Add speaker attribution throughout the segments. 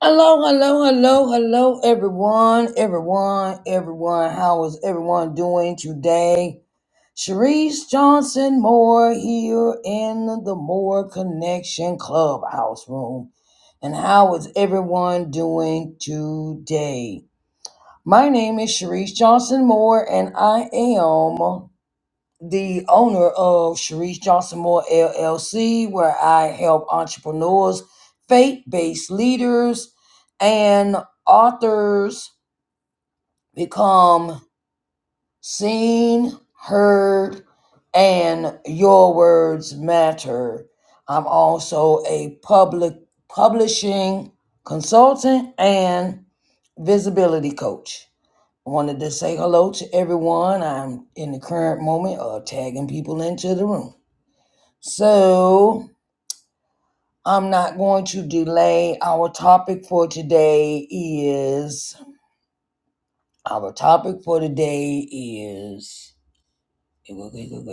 Speaker 1: Hello, hello, hello, hello, everyone, everyone, everyone. How is everyone doing today? Sharice Johnson Moore here in the Moore Connection Clubhouse Room. And how is everyone doing today? My name is Sharice Johnson Moore, and I am the owner of Sharice Johnson Moore LLC, where I help entrepreneurs, faith based leaders, and authors become seen, heard, and your words matter. I'm also a public publishing consultant and visibility coach. I Wanted to say hello to everyone. I'm in the current moment of tagging people into the room. So I'm not going to delay. Our topic for today is our topic for today is wait, wait, wait, wait,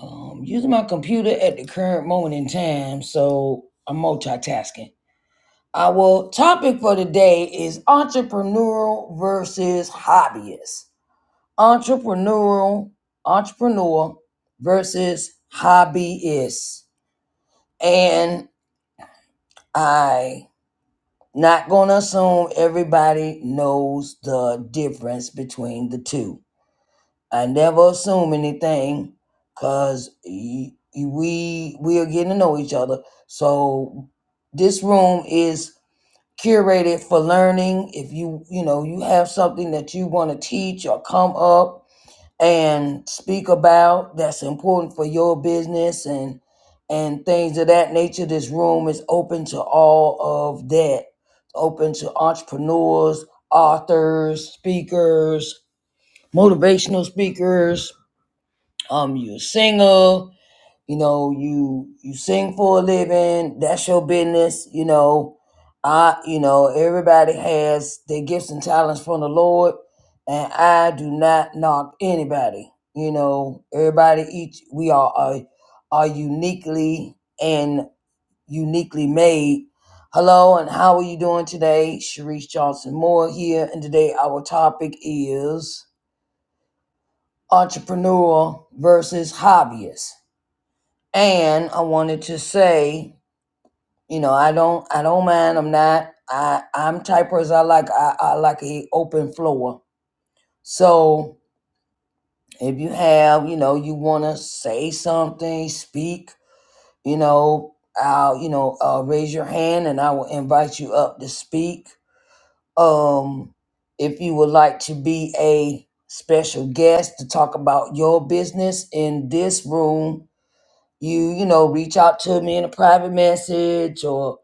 Speaker 1: Um, using my computer at the current moment in time, so I'm multitasking. Our topic for today is entrepreneurial versus hobbyist. Entrepreneurial, entrepreneur versus hobbyist. And I Not gonna assume everybody knows the difference between the two. I never assume anything, cause y- y- we we are getting to know each other. So this room is curated for learning. If you you know you have something that you want to teach or come up and speak about that's important for your business and and things of that nature this room is open to all of that It's open to entrepreneurs authors speakers motivational speakers um you're a singer you know you you sing for a living that's your business you know i you know everybody has their gifts and talents from the lord and i do not knock anybody you know everybody each we are are, are uniquely and uniquely made hello and how are you doing today Sharice johnson moore here and today our topic is entrepreneur versus hobbyist and I wanted to say, you know, I don't, I don't mind. I'm not. I, I'm type person. I like, I, I like a open floor. So if you have, you know, you want to say something, speak, you know, I'll, you know, uh, raise your hand and I will invite you up to speak. Um, if you would like to be a special guest to talk about your business in this room, you you know reach out to me in a private message or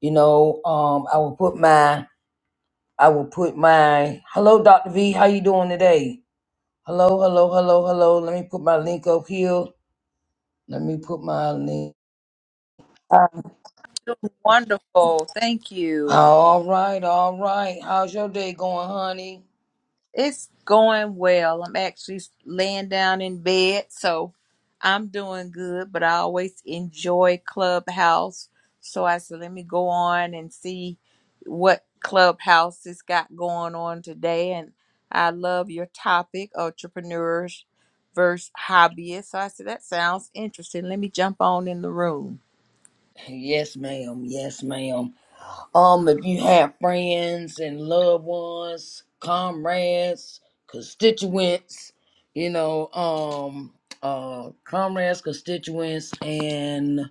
Speaker 1: you know um i will put my i will put my hello dr v how you doing today hello hello hello hello let me put my link up here let me put my link
Speaker 2: Wonderful. Thank you.
Speaker 1: all right all right how's your day going honey
Speaker 2: It's going well. I'm actually laying down in bed, so I'm doing good, but I always enjoy Clubhouse. So I said, let me go on and see what Clubhouse has got going on today. And I love your topic, entrepreneurs versus hobbyists. So I said, that sounds interesting. Let me jump on in the room.
Speaker 1: yes ma'am yes ma'am Um, if you have friends and loved ones, comrades, constituents, you know, um, uh, comrades, constituents, and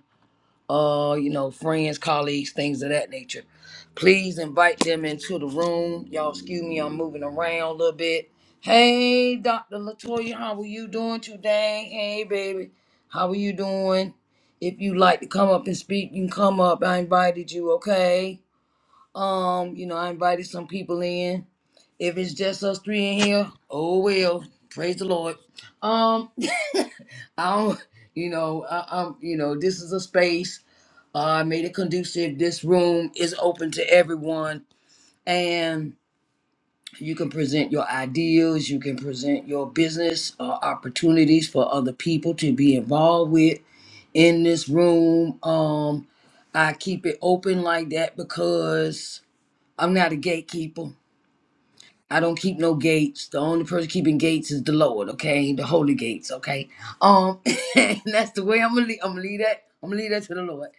Speaker 1: uh, you know, friends, colleagues, things of that nature. Please invite them into the room. Y'all, excuse me, I'm moving around a little bit. Hey, Dr. Latoya, how are you doing today? Hey, baby, how are you doing? If you like to come up and speak, you can come up. I invited you, okay? Um, you know, I invited some people in. If it's just us three in here, oh well. Praise the Lord. Um, I don't, you know, I, I'm, you know, this is a space. Uh, I made it conducive. This room is open to everyone, and you can present your ideas. You can present your business uh, opportunities for other people to be involved with in this room. Um, I keep it open like that because I'm not a gatekeeper. I don't keep no gates. The only person keeping gates is the Lord, okay? The holy gates, okay? Um, and that's the way I'm gonna leave, I'm gonna leave that. I'm gonna leave that to the Lord.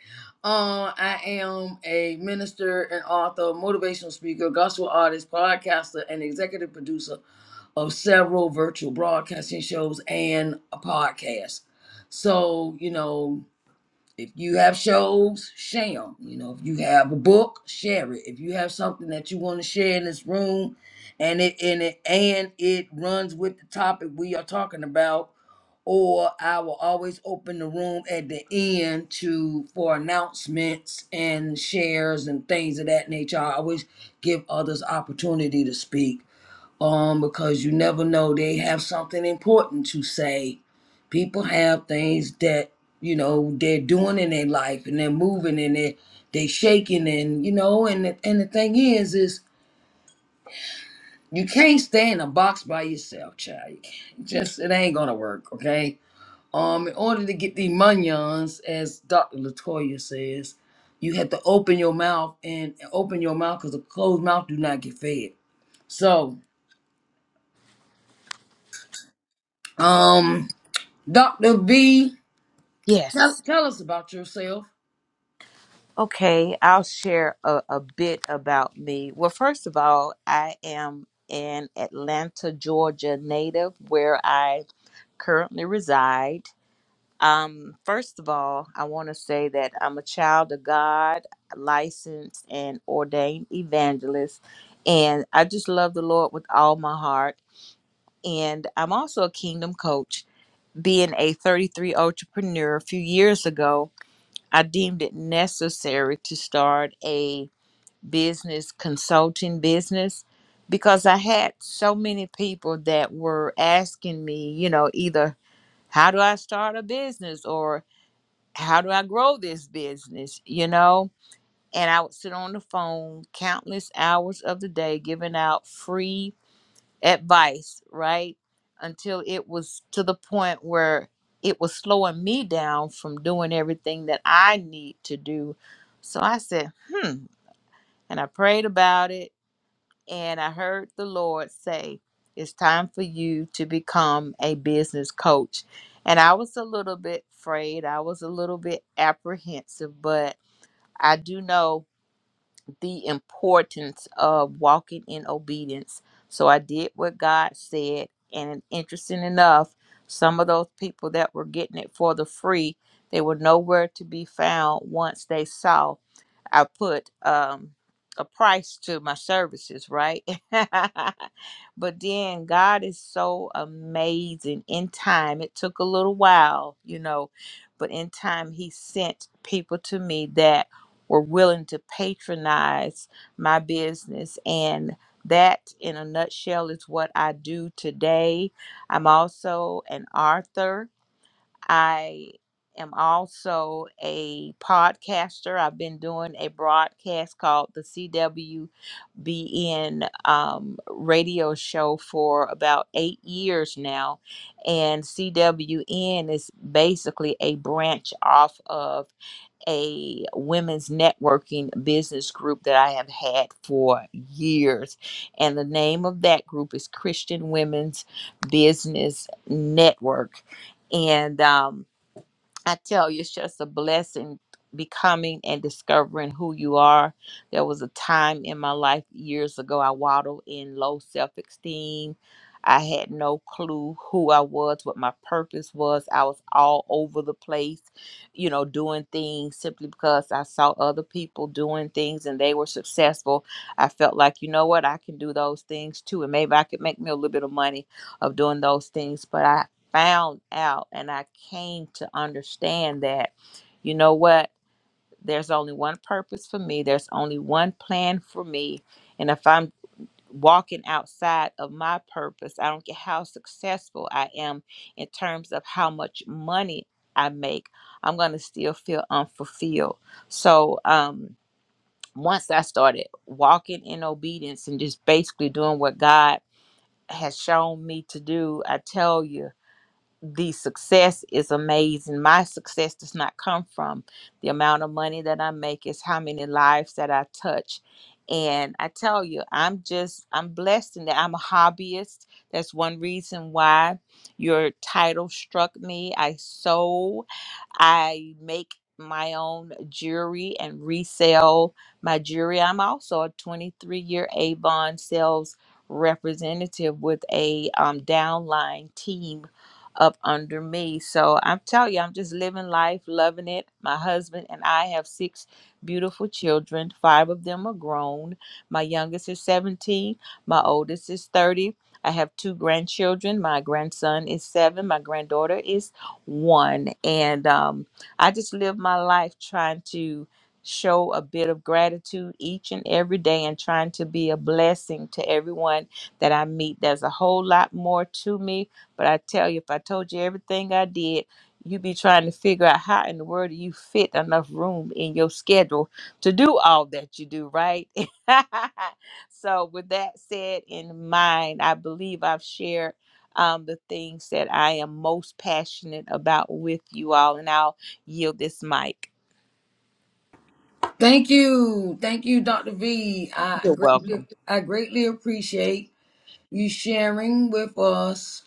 Speaker 1: Uh, I am a minister and author, motivational speaker, gospel artist, podcaster, and executive producer of several virtual broadcasting shows and a podcast. So, you know, if you have shows, share 'em. You know, if you have a book, share it. If you have something that you want to share in this room, and it and it and it runs with the topic we are talking about, or I will always open the room at the end to for announcements and shares and things of that nature. I always give others opportunity to speak um, because you never know they have something important to say. People have things that you know they're doing in their life, and they're moving, and they they shaking, and you know, and the, and the thing is, is you can't stay in a box by yourself, child. You can't. Just it ain't gonna work, okay? Um, in order to get the munions, as Dr. Latoya says, you have to open your mouth and open your mouth because a closed mouth do not get fed. So, um, Dr. V.
Speaker 2: Yes.
Speaker 1: Tell, tell us about yourself.
Speaker 2: Okay, I'll share a, a bit about me. Well, first of all, I am an Atlanta, Georgia native where I currently reside. Um, first of all, I want to say that I'm a child of God, licensed and ordained evangelist, and I just love the Lord with all my heart. And I'm also a kingdom coach. Being a 33 entrepreneur a few years ago, I deemed it necessary to start a business consulting business because I had so many people that were asking me, you know, either how do I start a business or how do I grow this business, you know? And I would sit on the phone countless hours of the day giving out free advice, right? Until it was to the point where it was slowing me down from doing everything that I need to do. So I said, hmm. And I prayed about it and I heard the Lord say, It's time for you to become a business coach. And I was a little bit afraid, I was a little bit apprehensive, but I do know the importance of walking in obedience. So I did what God said. And interesting enough, some of those people that were getting it for the free, they were nowhere to be found once they saw. I put um, a price to my services, right? but then God is so amazing. In time, it took a little while, you know, but in time, He sent people to me that were willing to patronize my business. And that, in a nutshell, is what I do today. I'm also an author. I am also a podcaster. I've been doing a broadcast called the CWBN um, radio show for about eight years now. And CWN is basically a branch off of a women's networking business group that I have had for years. And the name of that group is Christian Women's Business Network. And um, I tell you, it's just a blessing becoming and discovering who you are. There was a time in my life years ago, I waddled in low self esteem. I had no clue who I was, what my purpose was. I was all over the place, you know, doing things simply because I saw other people doing things and they were successful. I felt like, you know what, I can do those things too. And maybe I could make me a little bit of money of doing those things. But I found out and I came to understand that, you know what, there's only one purpose for me, there's only one plan for me. And if I'm walking outside of my purpose, I don't care how successful I am in terms of how much money I make, I'm going to still feel unfulfilled. So, um, once I started walking in obedience and just basically doing what God has shown me to do, I tell you, the success is amazing. My success does not come from the amount of money that I make, it's how many lives that I touch. And I tell you, I'm just, I'm blessed in that I'm a hobbyist. That's one reason why your title struck me. I sew. I make my own jewelry and resell my jewelry. I'm also a 23 year Avon sales representative with a um, downline team up under me. So I'm telling you, I'm just living life, loving it. My husband and I have six beautiful children. Five of them are grown. My youngest is 17, my oldest is 30. I have two grandchildren. My grandson is seven, my granddaughter is one. And um, I just live my life trying to show a bit of gratitude each and every day and trying to be a blessing to everyone that I meet. There's a whole lot more to me, but I tell you, if I told you everything I did, you'd be trying to figure out how in the world do you fit enough room in your schedule to do all that you do, right? so, with that said in mind, I believe I've shared um, the things that I am most passionate about with you all. And I'll yield this mic.
Speaker 1: Thank you. Thank you, Dr. V. I
Speaker 2: You're
Speaker 1: greatly,
Speaker 2: welcome.
Speaker 1: I greatly appreciate you sharing with us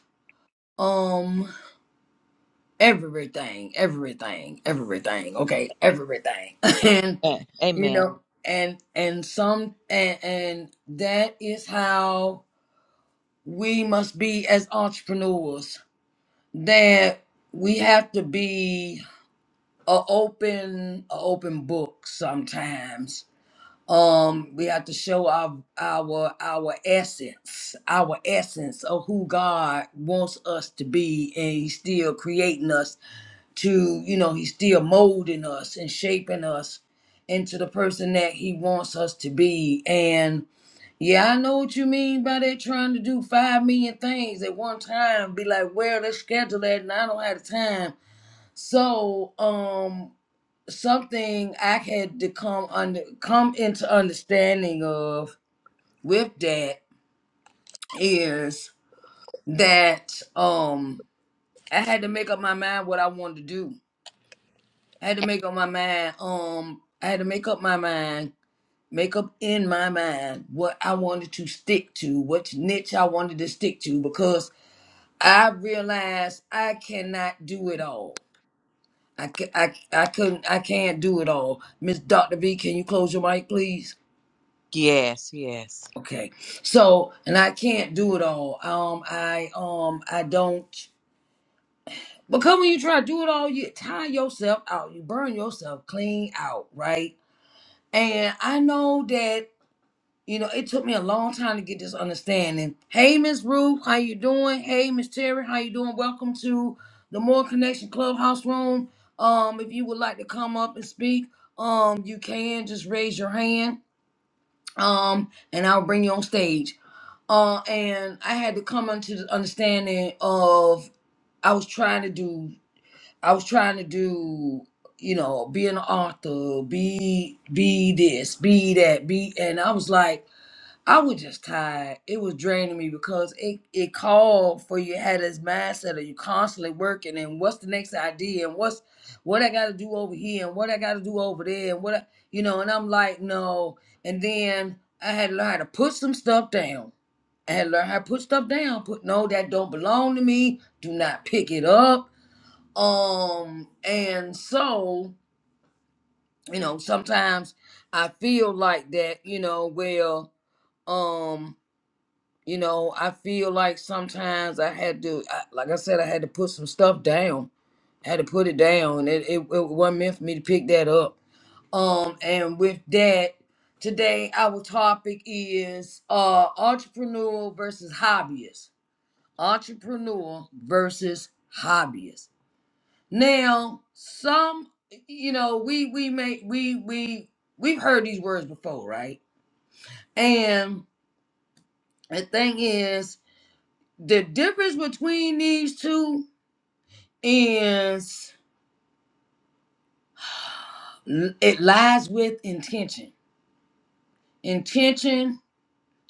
Speaker 1: um everything, everything, everything. Okay, everything. and
Speaker 2: And,
Speaker 1: you
Speaker 2: amen.
Speaker 1: know, and and some and, and that is how we must be as entrepreneurs. That we have to be a open a open book sometimes um we have to show our our our essence our essence of who god wants us to be and he's still creating us to you know he's still molding us and shaping us into the person that he wants us to be and yeah i know what you mean by that trying to do five million things at one time be like well let's schedule that and i don't have the time so um something I had to come under come into understanding of with that is that um I had to make up my mind what I wanted to do. I had to make up my mind um I had to make up my mind make up in my mind what I wanted to stick to, what niche I wanted to stick to because I realized I cannot do it all. I, ca- I, I couldn't I can't do it all. Miss Dr. V, can you close your mic please?
Speaker 2: Yes, yes.
Speaker 1: Okay. So, and I can't do it all. Um, I um, I don't. Because when you try to do it all, you tire yourself out. You burn yourself clean out, right? And I know that you know it took me a long time to get this understanding. Hey, Miss Ruth, how you doing? Hey, Miss Terry, how you doing? Welcome to the More Connection Clubhouse Room. Um, if you would like to come up and speak, um, you can just raise your hand. Um, and I'll bring you on stage. Uh, and I had to come into the understanding of I was trying to do I was trying to do you know be an author be be this be that be and I was like I was just tired it was draining me because it it called for you had this mindset of you constantly working and what's the next idea and what's what I got to do over here and what I got to do over there and what I, you know and I'm like no and then I had to learn how to put some stuff down and learn how to put stuff down. Put no, that don't belong to me. Do not pick it up. Um, and so you know, sometimes I feel like that. You know, well, um, you know, I feel like sometimes I had to, I, like I said, I had to put some stuff down. I had to put it down. It, it it wasn't meant for me to pick that up. Um, and with that, today our topic is uh entrepreneur versus hobbyist entrepreneur versus hobbyist. Now, some you know, we we may we we we've heard these words before, right? And the thing is, the difference between these two is it lies with intention. Intention,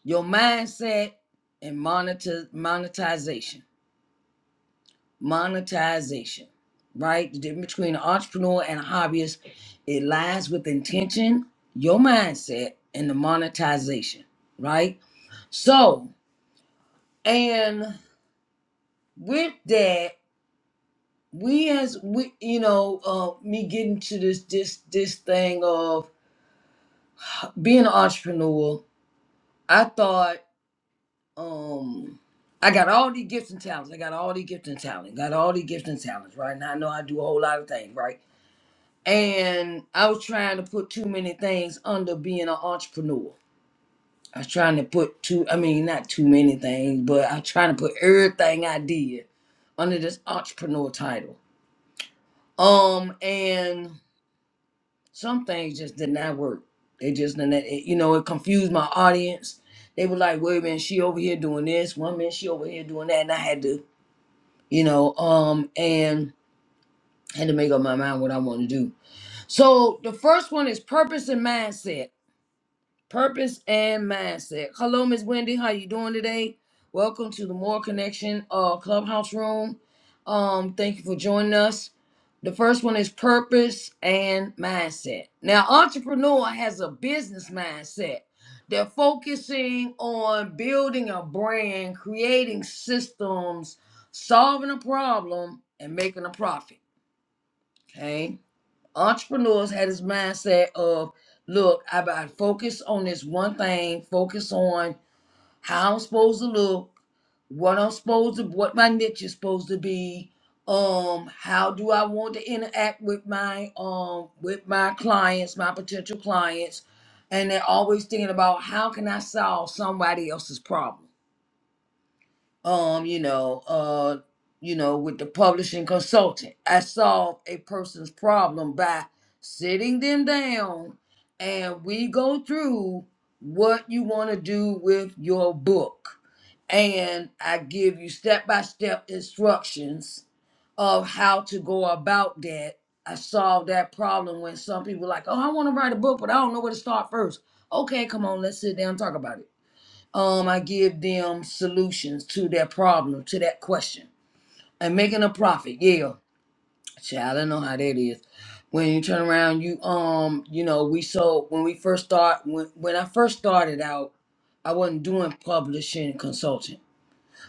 Speaker 1: your mindset, and monetize monetization. monetization, right? The difference between an entrepreneur and a hobbyist, it lies with intention, your mindset, and the monetization, right? So, and with that, we as we, you know, uh, me getting to this this this thing of being an entrepreneur, I thought, um, I got all these gifts and talents. I got all these gifts and talents. Got all these gifts and talents, right? Now I know I do a whole lot of things, right? and I was trying to put too many things under being an entrepreneur. I was trying to put too, I mean, not too many things, but I was trying to put everything I did under this entrepreneur title. Um, and some things just did not work. They just did not, it, you know, it confused my audience. They were like, wait a minute, she over here doing this, one minute she over here doing that, and I had to, you know, um, and had to make up my mind what I want to do. So the first one is purpose and mindset. purpose and mindset hello miss wendy how you doing today welcome to the more connection uh clubhouse room um thank you for joining us the first one is purpose and mindset now entrepreneur has a business mindset they're focusing on building a brand creating systems solving a problem and making a profit okay entrepreneurs had this mindset of look i gotta focus on this one thing focus on how i'm supposed to look what i'm supposed to what my niche is supposed to be um how do i want to interact with my um with my clients my potential clients and they're always thinking about how can i solve somebody else's problem um, you know, uh, you know, with the publishing consultant. I solve a person's problem by sitting them down and we go through what you want to do with your book. And I give you step by step instructions of how to go about that. I solve that problem when some people like, oh, I want to write a book, but I don't know where to start first. Okay, come on, let's sit down and talk about it um, I give them solutions to their problem, to that question. And making a profit, yeah. Child, I know how that is. When you turn around, you um, you know, we sold when we first start when when I first started out, I wasn't doing publishing and consulting.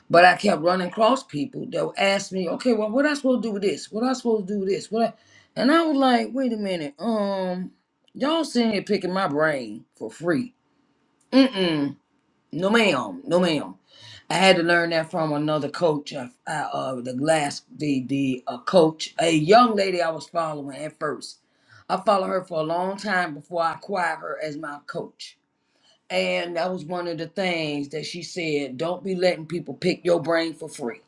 Speaker 1: But I kept running across people that would ask me, okay, well, what I supposed to do with this? What I supposed to do with this? What I, and I was like, wait a minute, um, y'all sitting here picking my brain for free. Mm-mm. No ma'am. No ma'am. I had to learn that from another coach. I, I, uh, the last the the uh, coach, a young lady I was following at first. I followed her for a long time before I acquired her as my coach. And that was one of the things that she said: don't be letting people pick your brain for free.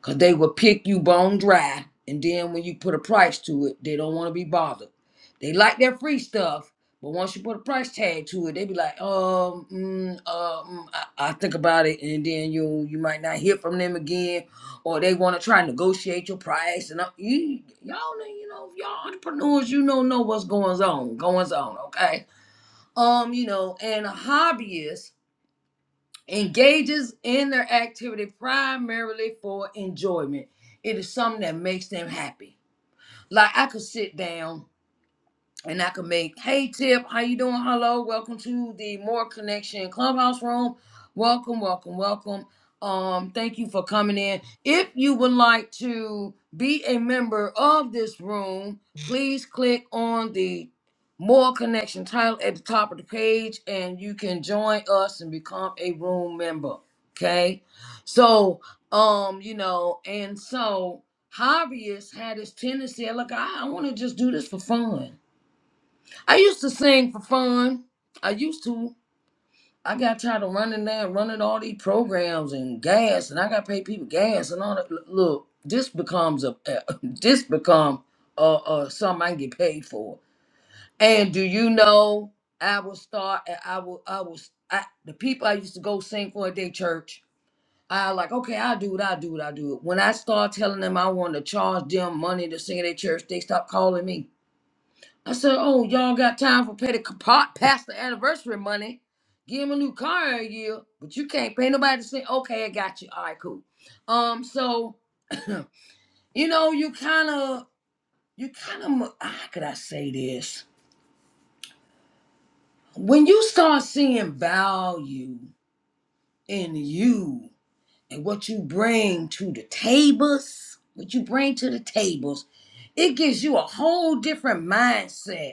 Speaker 1: Cause they will pick you bone dry. And then when you put a price to it, they don't want to be bothered. They like their free stuff, but once you put a price tag to it, they be like, um, mm, uh, mm, I, I think about it, and then you you might not hear from them again, or they want to try and negotiate your price. And uh, you y'all know, you know, y'all entrepreneurs, you don't know what's going on, going on, okay? Um, you know, and hobbyists engages in their activity primarily for enjoyment. It is something that makes them happy. Like I could sit down and I can make, hey Tip, how you doing? Hello, welcome to the More Connection Clubhouse Room. Welcome, welcome, welcome. Um, thank you for coming in. If you would like to be a member of this room, please click on the More Connection title at the top of the page, and you can join us and become a room member. Okay, so um, you know, and so hobbyists had this tendency, look, I, I want to just do this for fun I used to sing for fun. I used to. I got tired of running that, running all these programs and gas, and I got to pay people gas and all that. L- Look, this becomes a this become uh uh something I can get paid for. And do you know I will start. I will. I will. I, the people I used to go sing for at their church. I like okay. I do it. I do it. I do it. When I start telling them I want to charge them money to sing at their church, they stop calling me. I said, "Oh, y'all got time for pay the pot past the anniversary money? Give him a new car in a year, but you can't pay nobody to say, okay, I got you. All right, cool. Um, so you know, you kind of, you kind of, how could I say this? When you start seeing value in you and what you bring to the tables, what you bring to the tables, it gives you a whole different mindset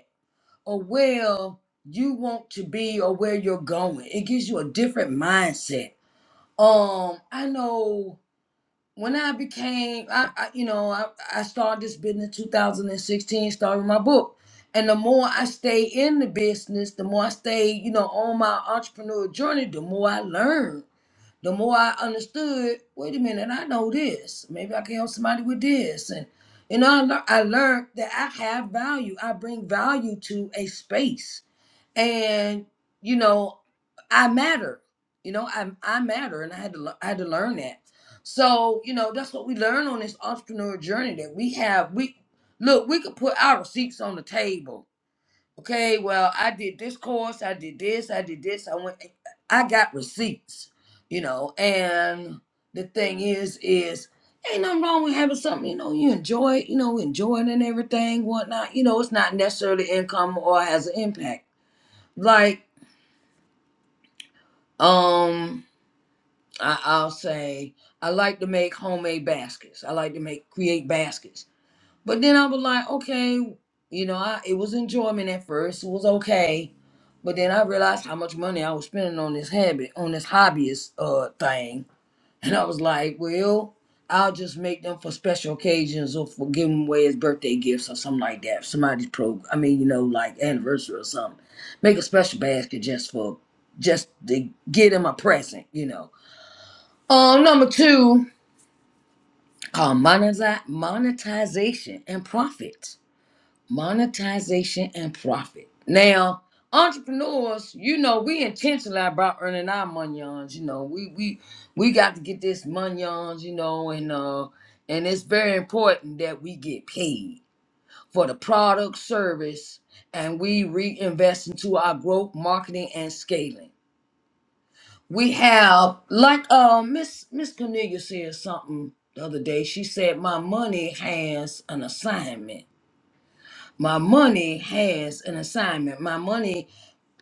Speaker 1: or where you want to be or where you're going. It gives you a different mindset. Um, I know when I became, I, I you know, I, I started this business in 2016, started my book. And the more I stay in the business, the more I stay, you know, on my entrepreneur journey, the more I learned. The more I understood, wait a minute, I know this. Maybe I can help somebody with this. And, you know, I, lear- I learned that I have value. I bring value to a space and you know i matter you know i i matter and i had to lear- i had to learn that so you know that's what we learn on this entrepreneur journey that we have we look we could put our receipts on the table okay well i did this course i did this i did this i went i got receipts you know and the thing is is ain't nothing wrong with having something you know you enjoy you know enjoy it and everything whatnot you know it's not necessarily income or has an impact like. Um, I, I'll say I like to make homemade baskets. I like to make create baskets. But then I was like, okay, you know, I it was enjoyment at first. It was okay. But then I realized how much money I was spending on this habit, on this hobbyist uh thing. And I was like, well, I'll just make them for special occasions or for giving away as birthday gifts or something like that. Somebody's pro I mean, you know, like anniversary or something. Make a special basket just for just to get them a present, you know. Um, number two, called monetize, monetization and profit. Monetization and profit. Now, entrepreneurs, you know, we intentional about earning our monions. You know, we we we got to get this monions. You know, and uh, and it's very important that we get paid for the product service, and we reinvest into our growth, marketing, and scaling. we have like uh miss miss cornelia said something the other day she said my money has an assignment my money has an assignment my money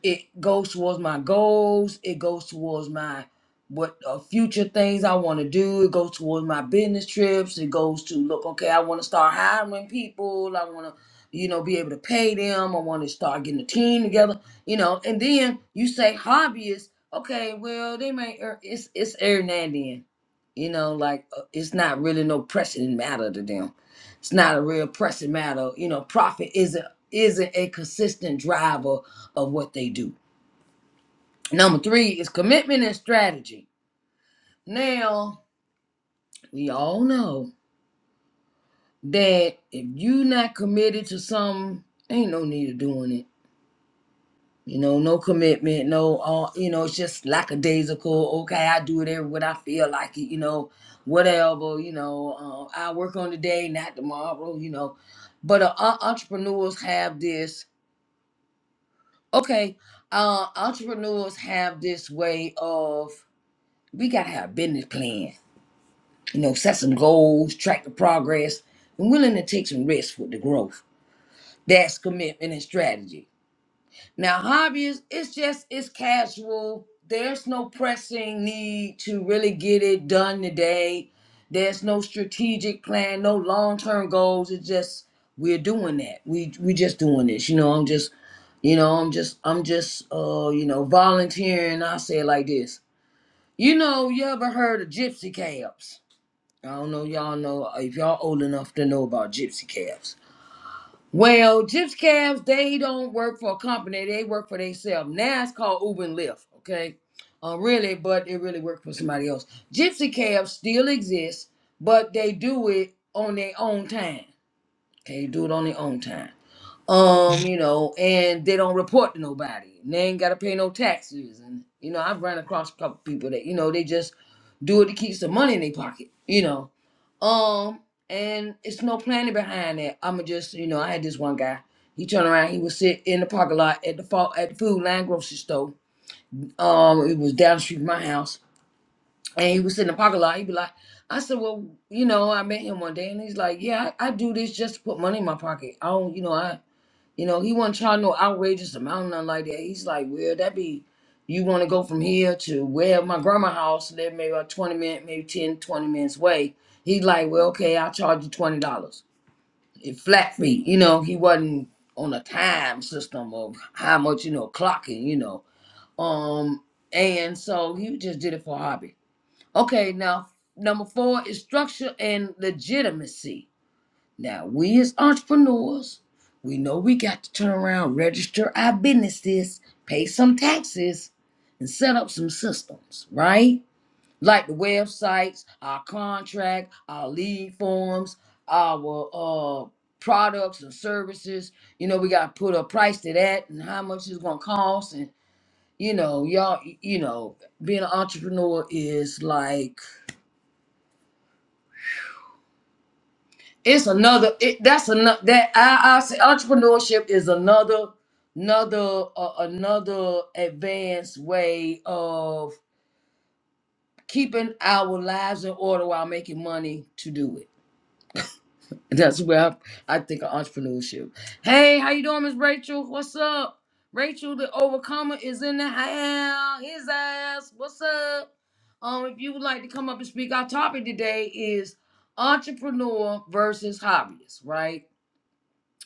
Speaker 1: it goes towards my goals it goes towards my what uh, future things i want to do it goes towards my business trips it goes to look okay i want to start hiring people i want to you know be able to pay them i want to start getting a team together you know and then you say hobbyists okay well they may ear- it's it's every now and then you know like uh, it's not really no pressing matter to them it's not a real pressing matter you know profit isn't isn't a consistent driver of what they do. Number three is commitment and strategy. Now, we all know that if you are not committed to something, ain't no need of doing it. You know, no commitment, no all you know, it's just lackadaisical. Okay, I do it every what I feel like it, you know, whatever, you know, uh, I work on today, not tomorrow, you know. But uh, en- entrepreneurs have this, okay, uh, entrepreneurs have this way of we gotta have a business plan you know, set some goals, track the progress, and willing to take some risks with the growth. That's commitment and strategy. Now, hobbies, it's just it's casual. There's no pressing need to really get it done today. There's no strategic plan, no long-term goals. It's just we're doing that. We we just doing this. You know, I'm just, you know, I'm just, I'm just uh, you know, volunteering. I say it like this. You know, you ever heard of gypsy camps? I don't know y'all know if y'all old enough to know about gypsy cabs. Well, gypsy cabs, they don't work for a company, they work for themselves. Now it's called Uber and Lyft, okay? Uh, really, but it really worked for somebody else. Gypsy cabs still exist, but they do it on their own time. Okay, do it on their own time um, you know, and they don't report to nobody. And they ain't gotta pay no taxes. And you know, I've run across a couple people that you know they just do it to keep some money in their pocket. You know, um, and it's no planning behind that. I'ma just you know, I had this one guy. He turned around. He would sit in the parking lot at the fa- at the food line grocery store. Um, it was down the street from my house, and he was sitting in the parking lot. He'd be like, I said, well, you know, I met him one day, and he's like, yeah, I, I do this just to put money in my pocket. I don't, you know, I you know, he wasn't charging no outrageous amount, nothing like that. He's like, well, that be, you want to go from here to where my grandma house live, maybe about 20 minutes, maybe 10, 20 minutes away. He like, well, okay, I'll charge you $20. It flat fee. You know, he wasn't on a time system of how much, you know, clocking, you know. Um, and so he just did it for hobby. Okay, now number four is structure and legitimacy. Now, we as entrepreneurs, we know we got to turn around, register our businesses, pay some taxes, and set up some systems, right? Like the websites, our contract, our lead forms, our uh, products and services. You know, we got to put a price to that and how much it's going to cost. And, you know, y'all, you know, being an entrepreneur is like, it's another it, that's another that I, I say entrepreneurship is another another uh, another advanced way of keeping our lives in order while making money to do it that's where i, I think of entrepreneurship hey how you doing miss rachel what's up rachel the overcomer is in the house his ass what's up um if you would like to come up and speak our topic today is entrepreneur versus hobbyist right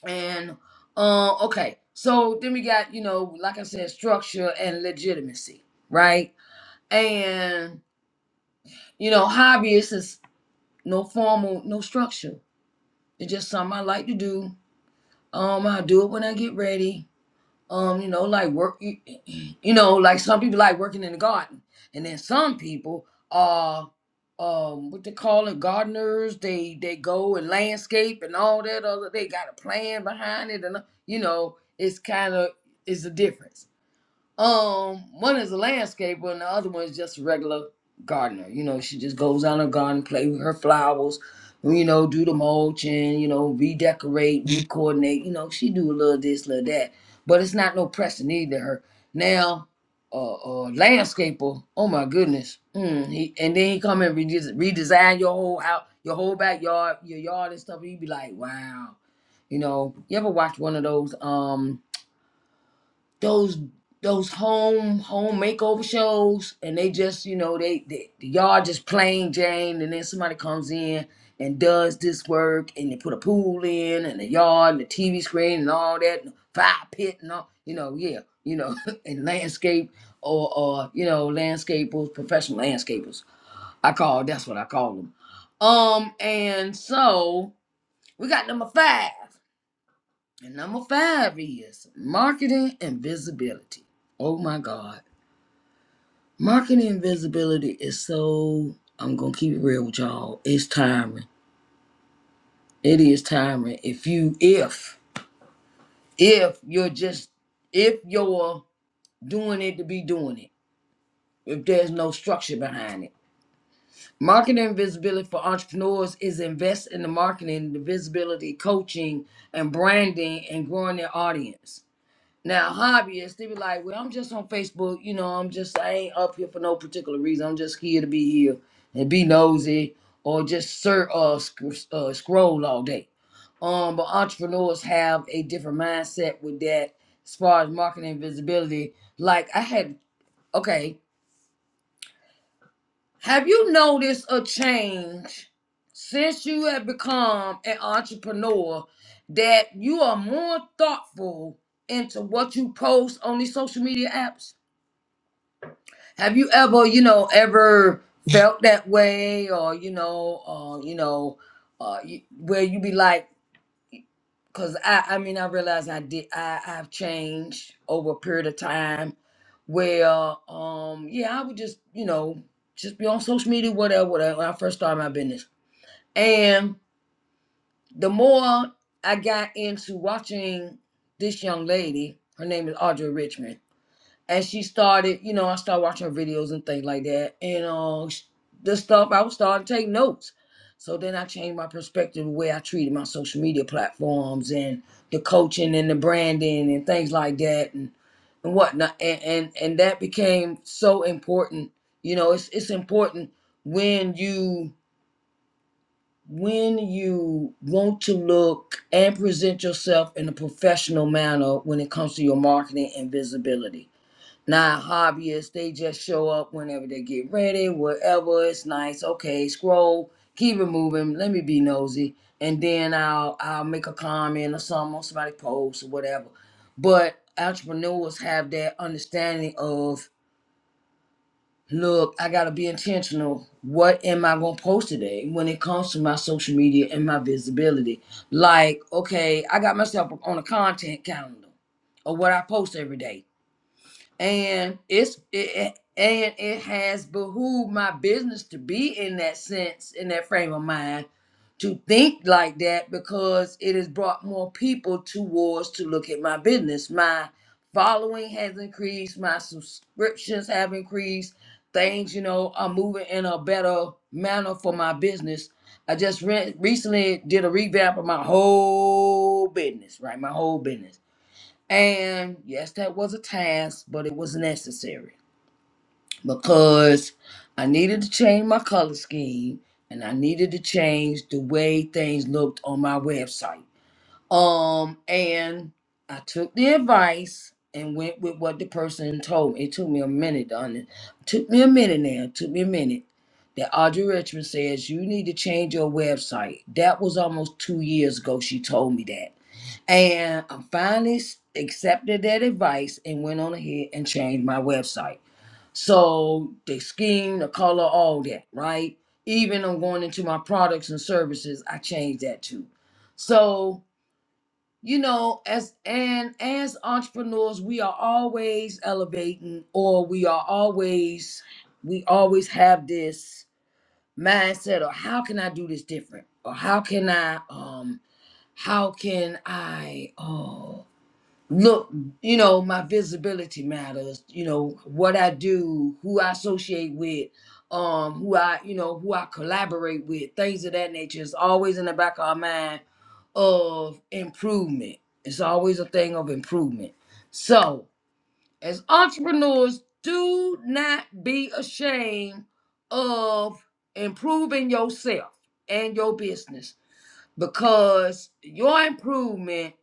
Speaker 1: And uh, okay, so then we got you know, like I said, structure and legitimacy, right? And you know, hobbyist is no formal, no structure. It's just something I like to do. Um, I do it when I get ready. um, you know, like work, you, you know, like some people like working in the garden, and then some people are, um, what they call it, gardeners. They they go and landscape and all that other. They got a plan behind it, and uh, you know, it's kind of it's a difference. Um, one is a landscaper, and the other one is just a regular gardener. You know, she just goes out in her garden, play with her flowers, you know, do the mulching, you know, redecorate, recoordinate. You know, she do a little this, little that, but it's not no pressing either. Her now, a uh, uh landscaper. Oh my goodness. Mm, he, and then he come and redes- redesign your whole out, your whole backyard, your yard and stuff. And you be like, wow. You know, you ever watch one of those? Um those those home home makeover shows and they just you know they, they the yard just plain jane and then somebody comes in and does this work and they put a pool in and the yard and the tv screen and all that and fire pit and all you know yeah you know and landscape or or you know landscapers professional landscapers i call that's what i call them um and so we got number five and number five is marketing and visibility. Oh my God. Marketing and visibility is so I'm gonna keep it real with y'all. It's tiring. It is tiring. If you if if you're just if you're doing it to be doing it, if there's no structure behind it. Marketing and visibility for entrepreneurs is invest in the marketing, the visibility, coaching, and branding and growing their audience. Now hobbyists, they be like, well, I'm just on Facebook, you know, I'm just I ain't up here for no particular reason. I'm just here to be here and be nosy or just sir uh, sc- uh scroll all day. Um, but entrepreneurs have a different mindset with that as far as marketing and visibility. Like I had okay, have you noticed a change since you have become an entrepreneur that you are more thoughtful into what you post on these social media apps? Have you ever, you know, ever felt that way, or you know, uh, you know, uh, you, where you be like, because I, I mean, I realize I did, I, I've changed over a period of time, where, um, yeah, I would just, you know, just be on social media, whatever, whatever. When I first started my business, and the more I got into watching this young lady, her name is Audra Richmond and she started, you know, I started watching her videos and things like that. And uh, sh- the stuff I was starting to take notes. So then I changed my perspective, the way I treated my social media platforms and the coaching and the branding and things like that and, and whatnot. And, and and that became so important. You know, it's it's important when you when you want to look and present yourself in a professional manner when it comes to your marketing and visibility now hobbyists, they just show up whenever they get ready, whatever. it's nice. Okay, scroll, keep it moving. Let me be nosy, and then I'll I'll make a comment or something on somebody's post or whatever. But entrepreneurs have that understanding of look, I gotta be intentional. What am I gonna post today when it comes to my social media and my visibility? Like, okay, I got myself on a content calendar of what I post every day and it's it, and it has behooved my business to be in that sense in that frame of mind to think like that because it has brought more people towards to look at my business my following has increased my subscriptions have increased things you know are moving in a better manner for my business i just re- recently did a revamp of my whole business right my whole business and yes, that was a task, but it was necessary because I needed to change my color scheme and I needed to change the way things looked on my website. Um, and I took the advice and went with what the person told me. It took me a minute, on it. Took me a minute now. It took me a minute. That Audrey Richmond says you need to change your website. That was almost two years ago. She told me that. And I finally s- accepted their advice and went on ahead and changed my website. So the scheme, the color, all that, right? Even on going into my products and services, I changed that too. So, you know, as and as entrepreneurs, we are always elevating or we are always we always have this mindset of how can I do this different? Or how can I um how can I oh, look you know my visibility matters you know what i do who i associate with um who i you know who i collaborate with things of that nature is always in the back of our mind of improvement it's always a thing of improvement so as entrepreneurs do not be ashamed of improving yourself and your business because your improvement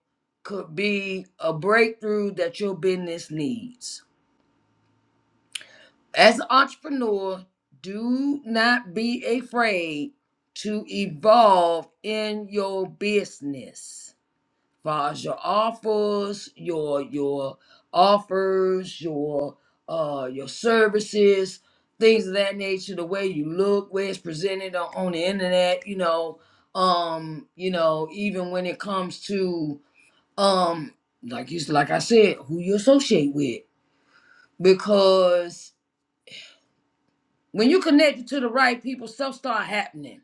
Speaker 1: could be a breakthrough that your business needs. As an entrepreneur, do not be afraid to evolve in your business far as your offers, your your offers, your uh your services, things of that nature, the way you look, way it's presented on, on the internet, you know, um, you know, even when it comes to um like you like I said, who you associate with. Because when you connect to the right people, stuff start happening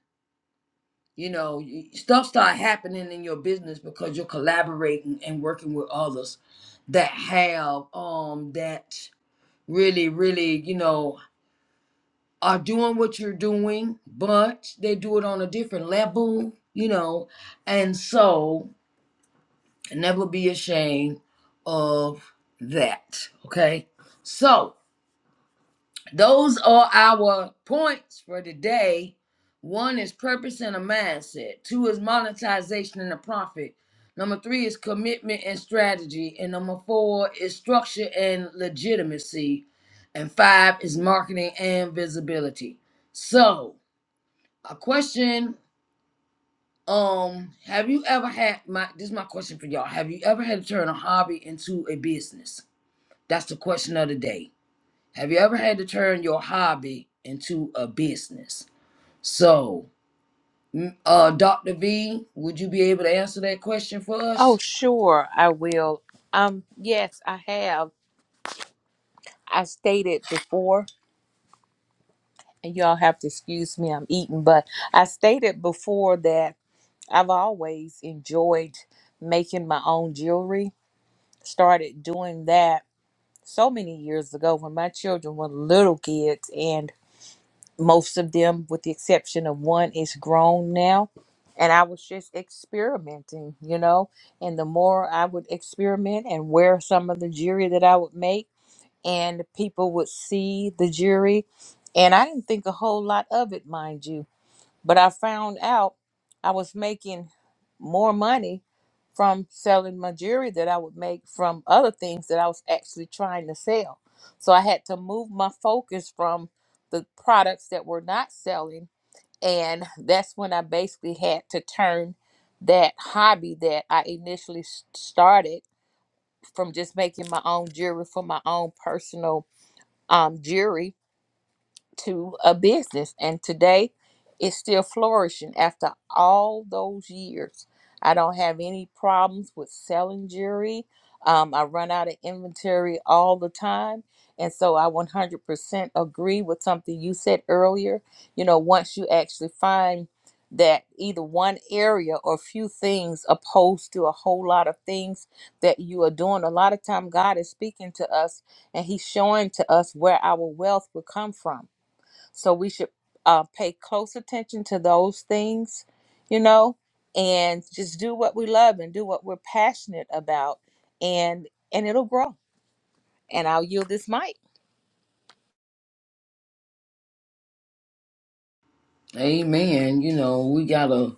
Speaker 1: you know you- stuff start happening in your business because you're collaborating and working with others that have um that really really you know are doing what you're doing but they do it on a different level you know and so never be ashamed of that okay so Those are our points for today. One is purpose and a mindset. Two is monetization and a profit. Number three is commitment and strategy. And number four is structure and legitimacy. And five is marketing and visibility. So, a question um have you ever had my this is my question for y'all have you ever had to turn a hobby into a business that's the question of the day have you ever had to turn your hobby into a business? So, mm, uh, Dr. V, would you be able to answer that question for
Speaker 2: Oh,
Speaker 1: us?
Speaker 2: sure, I will. Um, yes, I have. I stated before, and y'all have to excuse me, I'm eating, but I stated before that I've always enjoyed making my own jewelry. Started doing that so many years ago when my children were little kids. and most of them with the exception of one is grown now and i was just experimenting you know and the more i would experiment and wear some of the jewelry that i would make and people would see the jewelry and i didn't think a whole lot of it mind you but I found out I was making more money from selling my jewelry that I would make from other things that I was actually trying to sell. So I had to move my focus from the products that were not selling. And that's when I basically had to turn that hobby that I initially s- started from just making my own jewelry for my own personal um, jewelry to a business and today it's still flourishing after all those years i don't have any problems with selling jewelry um, i run out of inventory all the time and so i 100% agree with something you said earlier you know once you actually find that either one area or few things opposed to a whole lot of things that you are doing a lot of time god is speaking to us and he's showing to us where our wealth will come from so we should uh, pay close attention to those things, you know, and just do what we love and do what we're passionate about, and and it'll grow. And I'll yield this mic.
Speaker 1: Amen. You know, we gotta,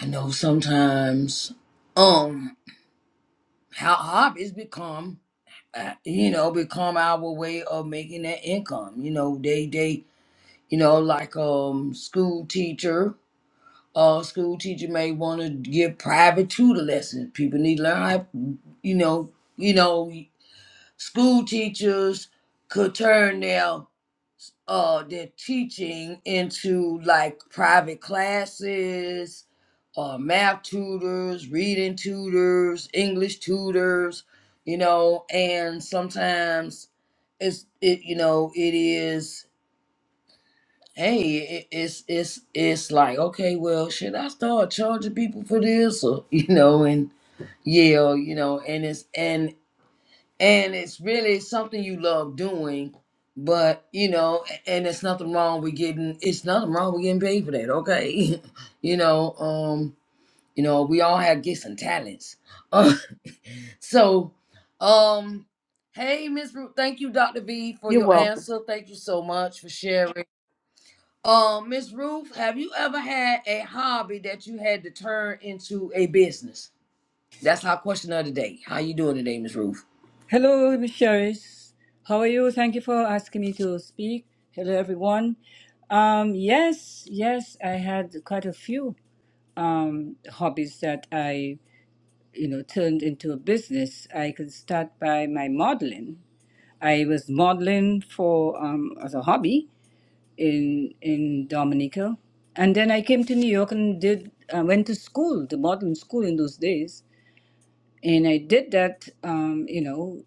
Speaker 1: I know sometimes, um, how hobbies become, uh, you know, become our way of making that income. You know, they, they, you know, like, um, school teacher, uh, school teacher may want to give private tutor lessons. People need to learn how, you know, you know. school teachers could turn their uh their teaching into like private classes uh math tutors reading tutors english tutors you know and sometimes it's it you know it is hey it, it's it's it's like okay well should i start charging people for this or you know and yeah you know and it's and and it's really something you love doing but you know a- and it's nothing wrong with getting it's nothing wrong with getting paid for that okay you know um you know we all have gifts and talents Uh, so um hey miss ruth thank you dr v for
Speaker 2: You're
Speaker 1: your
Speaker 2: welcome.
Speaker 1: answer thank you so much for sharing um miss ruth have you ever had a hobby that you had to turn into a business that's our question of the day how you doing today miss ruth
Speaker 3: Hello, Miss Sherris. How are you? Thank you for asking me to speak. Hello, everyone. Um, yes, yes, I had quite a few um, hobbies that I, you know, turned into a business. I could start by my modeling. I was modeling for um, as a hobby in in Dominica, and then I came to New York and did I went to school, the modeling school in those days, and I did that, um, you know.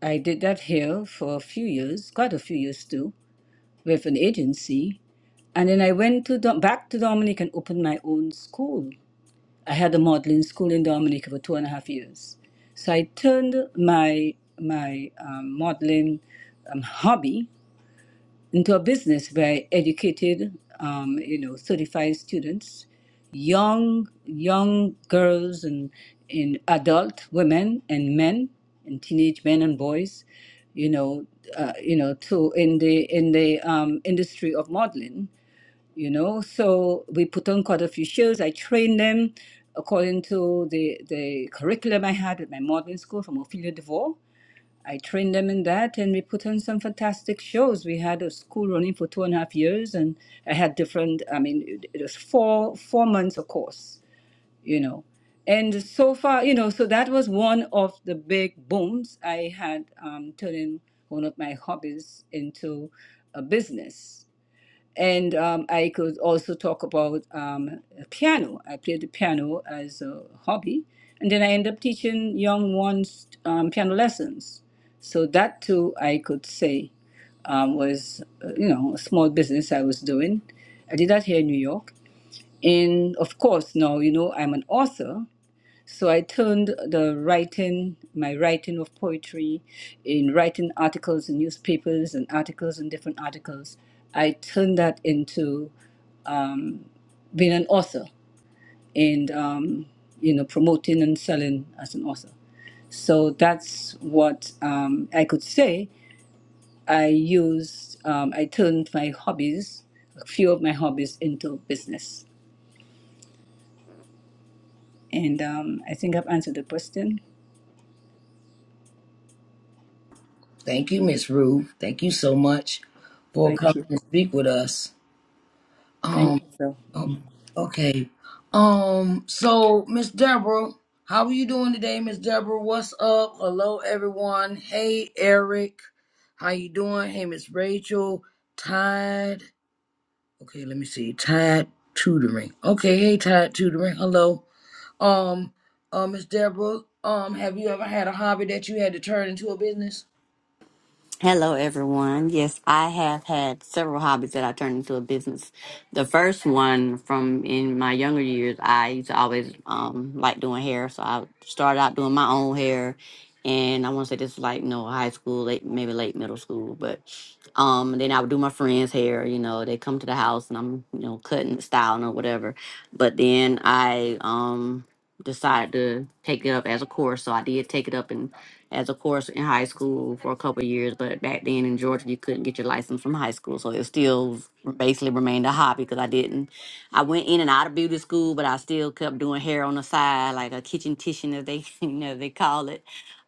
Speaker 3: I did that here for a few years, quite a few years too, with an agency. And then I went to Dom- back to Dominic and opened my own school. I had a modeling school in Dominic for two and a half years. So I turned my my um, modeling um, hobby into a business where I educated, um, you know, 35 students, young young girls and in adult women and men and teenage men and boys, you know, uh, you know, to in the in the um, industry of modeling, you know. So we put on quite a few shows. I trained them according to the the curriculum I had at my modeling school from Ophelia DeVore I trained them in that, and we put on some fantastic shows. We had a school running for two and a half years, and I had different. I mean, it, it was four four months a course, you know. And so far, you know, so that was one of the big booms. I had um, turning one of my hobbies into a business and um, I could also talk about um, piano. I played the piano as a hobby, and then I ended up teaching young ones um, piano lessons. So that too, I could say, um, was uh, you know a small business I was doing. I did that here in New York, and of course now you know I'm an author, so I turned the writing, my writing of poetry, in writing articles in newspapers and articles and different articles, I turned that into being an author and um, you know promoting and selling as an author. So that's what um, I could say. I used, um, I turned my hobbies, a few of my hobbies, into business, and um, I think I've answered the question.
Speaker 1: Thank you, Miss Rue. Thank you so much for
Speaker 3: Thank
Speaker 1: coming
Speaker 3: you.
Speaker 1: and speak with us.
Speaker 3: Thank
Speaker 1: Um,
Speaker 3: you. So.
Speaker 1: o- okay. Um, so Miss Deborah, how are you doing today, Miss Deborah? What's up? Hello, everyone. Hey, Eric. How you doing? Hey, Miss Rachel. Tide. Okay, let me see. Tide tutoring. Okay, hey, Tide tutoring. Hello. Um, uh, Miss Deborah. Um, have you ever had a hobby that you had to turn into a business?
Speaker 4: Hello, everyone. Yes, I have had several hobbies that I turned into a business. The first one from in my younger years, I used to always um, like doing hair. So I started out doing my own hair. And I want to say this was like, you know, high school, late, maybe late middle school. But um, then I would do my friends' hair. You know, they come to the house and I'm, you know, cutting, styling or whatever. But then I um, decided to take it up as a course. So I did take it up as a course in high school for a couple of years. But back then in Georgia, you couldn't get your license from high school, so it still basically remained a hobby because I didn't. I went in and out of beauty school, but I still kept doing hair on the side, like a kitchen titian, as they you know they call it.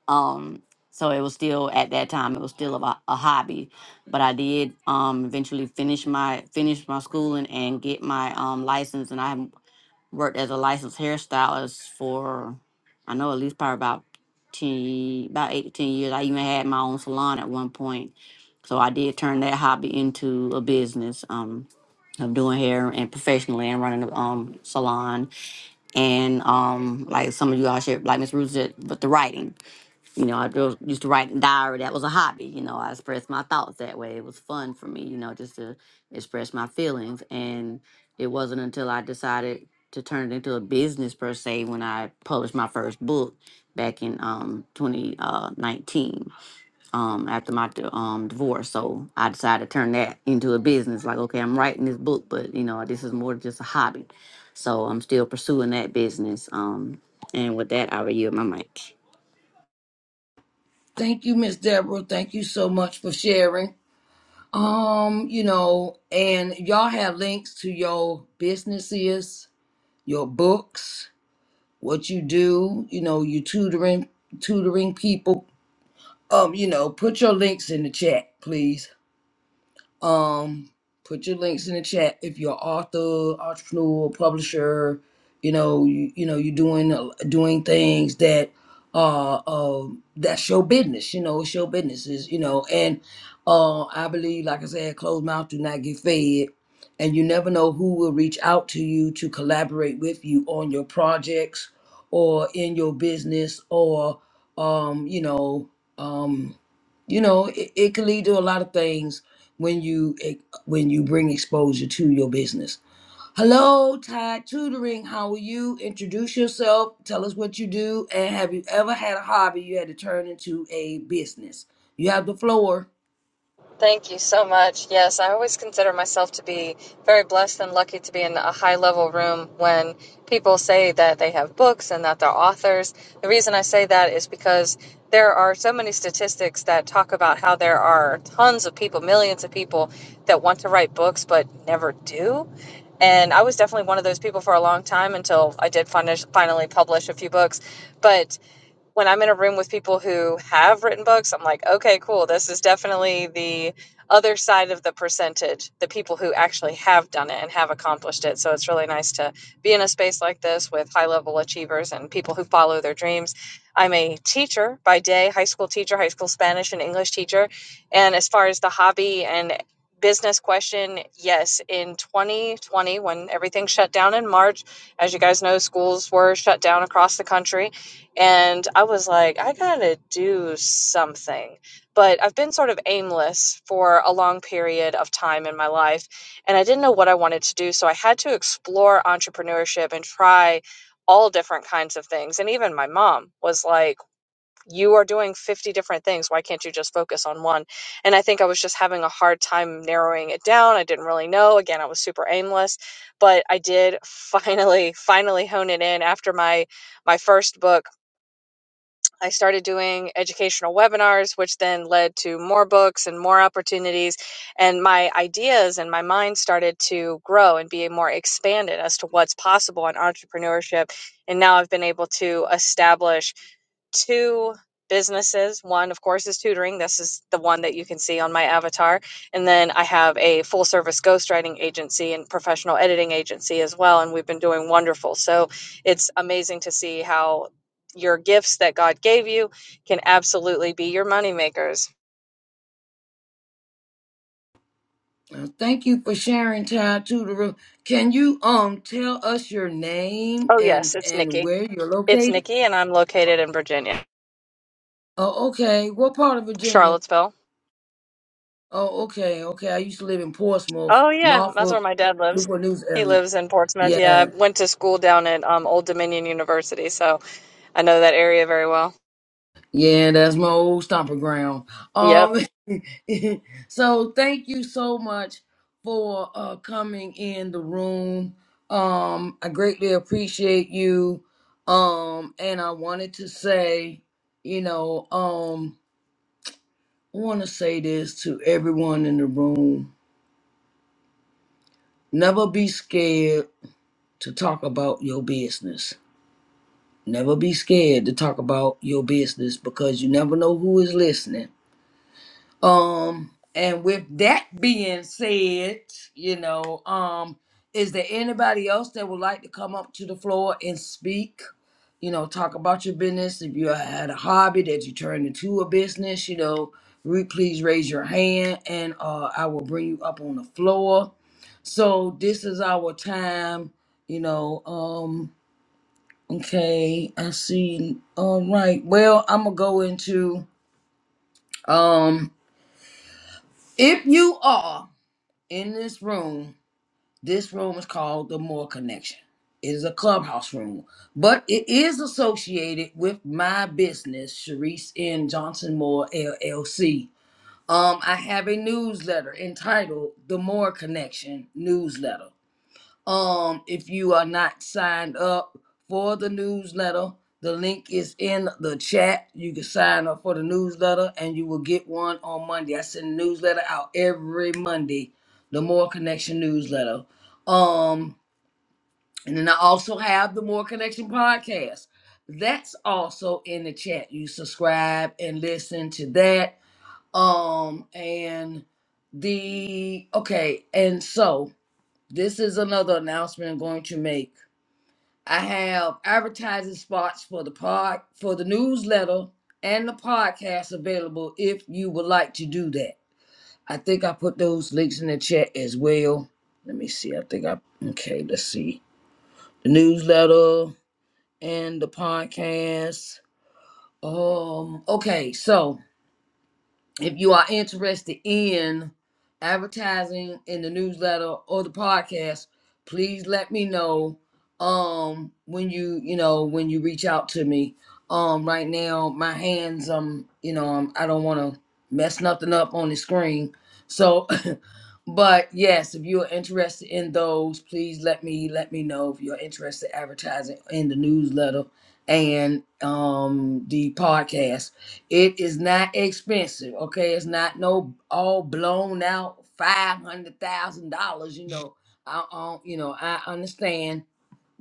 Speaker 4: Um, so it was still at that time, it was still a, a hobby, but I did um eventually finish my finish my schooling and get my um license, and I worked as a licensed hairstylist for I know at least probably about ten about eight to ten years. I even had my own salon at one point. So I did turn that hobby into a business um, of doing hair and professionally and running a um, salon and um, like some of you all should like Miss Ruth said, but the writing. You know, I just used to write in diary. That was a hobby. You know, I expressed my thoughts that way. It was fun for me, you know, just to express my feelings. And it wasn't until I decided to turn it into a business per se when I published my first book back in um, 2019 um, after my d- um, divorce. So I decided to turn that into a business. Like, okay, I'm writing this book, but, you know, this is more just a hobby. So I'm still pursuing that business. Um, and with that, I will yield my mic.
Speaker 1: Thank you, Miss Deborah. Thank you so much for sharing. Um, you know, and y'all have links to your businesses, your books, what you do, you know, you tutoring tutoring people. Um, you know, put your links in the chat, please. Um, put your links in the chat if you're author, entrepreneur, publisher. You know, you, you know, you're doing uh, doing things that uh, uh that's your business. You know, it's your business. Is you know, and uh, I believe, like I said, closed mouth do not get fed, and you never know who will reach out to you to collaborate with you on your projects or in your business or um, you know, um, you know, it, it can lead to a lot of things when you eh, when you bring exposure to your business. Hello, Tide Tutoring. How are you? Introduce yourself. Tell us what you do, and have you ever had a hobby you had to turn into a business? You have the floor.
Speaker 5: Thank you so much. Yes, I always consider myself to be very blessed and lucky to be in a high level room when people say that they have books and that they're authors. The reason I say that is because there are so many statistics that talk about how there are tons of people, millions of people that want to write books but never do. And I was definitely one of those people for a long time until I did fin- finally publish a few books. But when I'm in a room with people who have written books, I'm like, okay, cool. This is definitely the other side of the percentage, the people who actually have done it and have accomplished it. So it's really nice to be in a space like this with high level achievers and people who follow their dreams. I'm a teacher by day, high school teacher, high school Spanish and English teacher. And as far as the hobby and business question, yes, in 2020, when everything shut down in March, as you guys know, schools were shut down across the country. And I was like, I gotta do something. But I've been sort of aimless for a long period of time in my life, and I didn't know what I wanted to do. So I had to explore entrepreneurship and try all different kinds of things. And even my mom was like, You are doing 50 different things. Why can't you just focus on one? And I think I was just having a hard time narrowing it down. I didn't really know. Again, I was super aimless, but I did finally, finally hone it in after my my first book I started doing educational webinars, which then led to more books and more opportunities. And my ideas and my mind started to grow and be more expanded as to what's possible in entrepreneurship. And now I've been able to establish two businesses. One, of course, is tutoring. This is the one that you can see on my avatar. And then I have a full service ghostwriting agency and professional editing agency as well. And we've been doing wonderful. So it's amazing to see how your gifts that God gave you can absolutely be your money makers.
Speaker 1: Uh, Thank you for sharing, Tide Tutoring. Can you um tell us your name
Speaker 5: Oh, yes,
Speaker 1: and
Speaker 5: it's
Speaker 1: and
Speaker 5: Nikki.
Speaker 1: where you're
Speaker 5: It's
Speaker 1: located?
Speaker 5: Nikki, and I'm located in Virginia,
Speaker 1: Oh, okay. What part of Virginia?
Speaker 5: Charlottesville.
Speaker 1: Oh, okay, okay. I used to live in Portsmouth,
Speaker 5: Oh, yeah, that's where
Speaker 1: Norfolk,
Speaker 5: my dad lives.
Speaker 1: Newport News
Speaker 5: He
Speaker 1: area.
Speaker 5: lives in Portsmouth. Yeah, I
Speaker 1: Yeah,
Speaker 5: went to school down at um, Old Dominion University, so I know that area very well.
Speaker 1: Yeah, that's my old stomping ground.
Speaker 5: Yep.
Speaker 1: Um, so thank you so much for uh coming in the room. Um, I greatly appreciate you. Um, and I wanted to say, you know, um, I want to say this to everyone in the room: never be scared to talk about your business. Never be scared to talk about your business because you never know who is listening Um, and with that being said, you know, um, is there anybody else that would like to come up to the floor and speak? You know, talk about your business. If you had a hobby that you turned into a business, you know, re- please raise your hand and uh, I will bring you up on the floor. So this is our time, you know. Um, okay, I see. All right. Well, I'm gonna go into um, if you are. in this room, this room is called the More Connection. It is a clubhouse room, but it is associated with my business, Sharice N. Johnson Moore LLC. Um, I have a newsletter entitled The More Connection Newsletter um if you are not signed up for the newsletter the link is in the chat you can sign up for the newsletter and you will get one on monday i send a newsletter out every monday the more connection newsletter um and then i also have the more connection podcast that's also in the chat you subscribe and listen to that um and the okay and so this is another announcement i'm going to make I have advertising spots for the pod, for the newsletter and the podcast available if you would like to do that. I think I put those links in the chat as well. Let me see. I think I okay, let's see. The newsletter and the podcast. Um okay, so if you are interested in advertising in the newsletter or the podcast please let me know um when you you know when you reach out to me um right now my hands um you know um, i don't want to mess nothing up on the screen so But yes, if you're interested in those, please let me let me know if you're interested in advertising in the newsletter and um the podcast. It is not expensive, okay? It's not no all blown out five hundred thousand dollars. You know, I, I you know I understand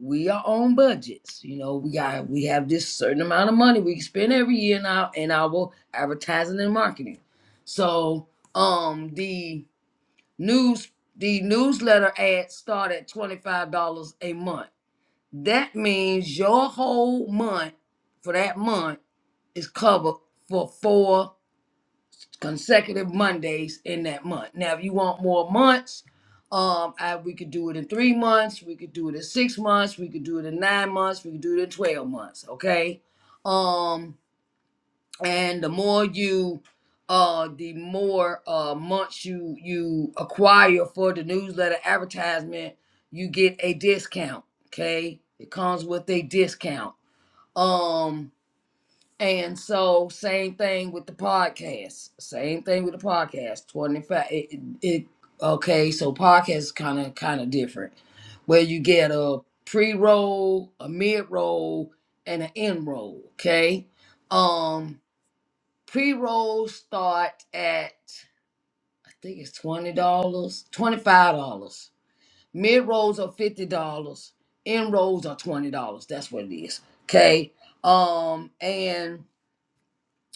Speaker 1: we are on budgets. You know, we got we have this certain amount of money we spend every year in our in our advertising and marketing. So um the News the newsletter ads start at $25 a month. That means your whole month for that month is covered for four consecutive Mondays in that month. Now, if you want more months, um, I, we could do it in three months, we could do it in six months, we could do it in nine months, we could do it in 12 months, okay? um and the more you uh the more uh months you you acquire for the newsletter advertisement you get a discount okay it comes with a discount um and so same thing with the podcast same thing with the podcast 25 it, it, it okay so podcast is kind of kind of different where you get a pre-roll a mid-roll and an end roll okay um Pre rolls start at I think it's twenty dollars, twenty five dollars. Mid rolls are fifty dollars. End rolls are twenty dollars. That's what it is. Okay. Um and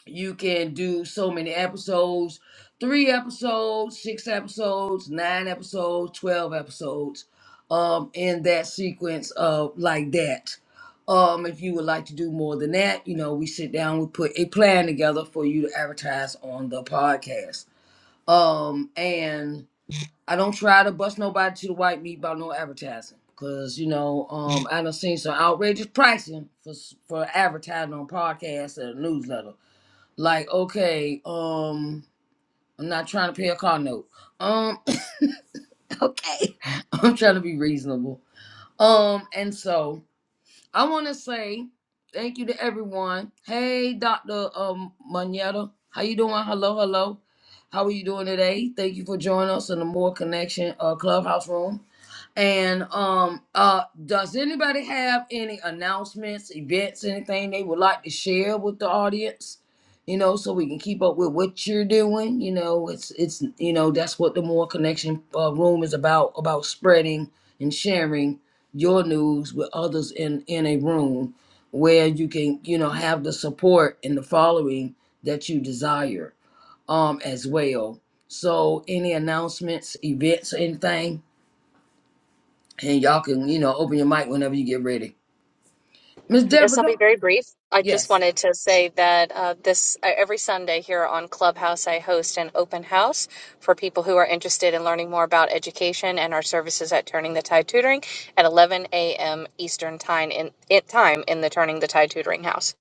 Speaker 1: you can do so many episodes three episodes six episodes nine episodes 12 episodes um in that sequence of like that um if you would like to do more than that you know we sit down we put a plan together for you to advertise on the podcast um and i don't try to bust nobody to the white meat about no advertising because you know um i done seen some outrageous pricing for s- for advertising on podcasts and newsletter like okay um i'm not trying to pay a car note um okay i'm trying to be reasonable um and so i want to say thank you to everyone hey dr um manetta how you doing hello hello how are you doing today thank you for joining us in the more connection uh clubhouse room and um, uh, does anybody have any announcements, events, anything they would like to share with the audience? You know, so we can keep up with what you're doing. You know, it's it's you know that's what the more connection uh, room is about about spreading and sharing your news with others in in a room where you can you know have the support and the following that you desire um as well. So any announcements, events, anything? and y'all can you know open your mic whenever you get ready. Miss
Speaker 5: Yes,
Speaker 1: Deborah,
Speaker 5: I'll be
Speaker 1: don't,
Speaker 5: very brief. I just
Speaker 1: yes,
Speaker 5: wanted to say that uh, this uh, every Sunday here on Clubhouse, I host an open house for people who are interested in learning more about education and our services at Turning the Tide Tutoring at 11 a.m. Eastern time in, in time in the Turning the Tide Tutoring House.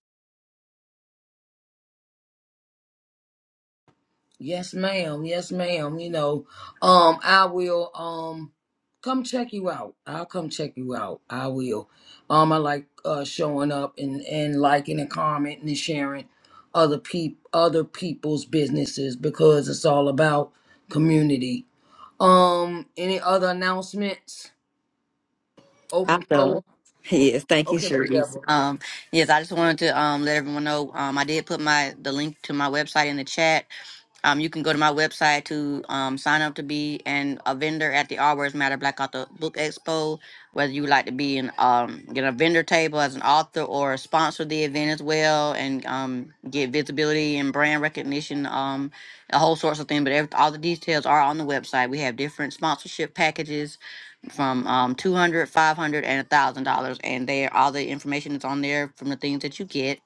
Speaker 1: yes, ma'am, yes, ma'am. You know, um, I will um come check you out. I'll come check you out. I will. Um, I like uh showing up and and liking and commenting and sharing other peop other people's businesses because it's all about community. Um, any other announcements?
Speaker 4: I
Speaker 1: Open
Speaker 4: know.
Speaker 1: floor.
Speaker 4: Yes, thank you,
Speaker 1: Okay, Miss
Speaker 4: Sharice.
Speaker 1: Deborah.
Speaker 4: Um, yes, I just wanted to um, let everyone know um, I did put my the link to my website in the chat. Um, you can go to my website to um, sign up to be an a vendor at the All Words Matter Black Author Book Expo. Whether you would like to be in um, get a vendor table as an author or sponsor the event as well, and um, get visibility and brand recognition, um, a whole sorts of things. But every, all the details are on the website. We have different sponsorship packages from um 200 and a thousand dollars and there all the information that's on there from the things that you get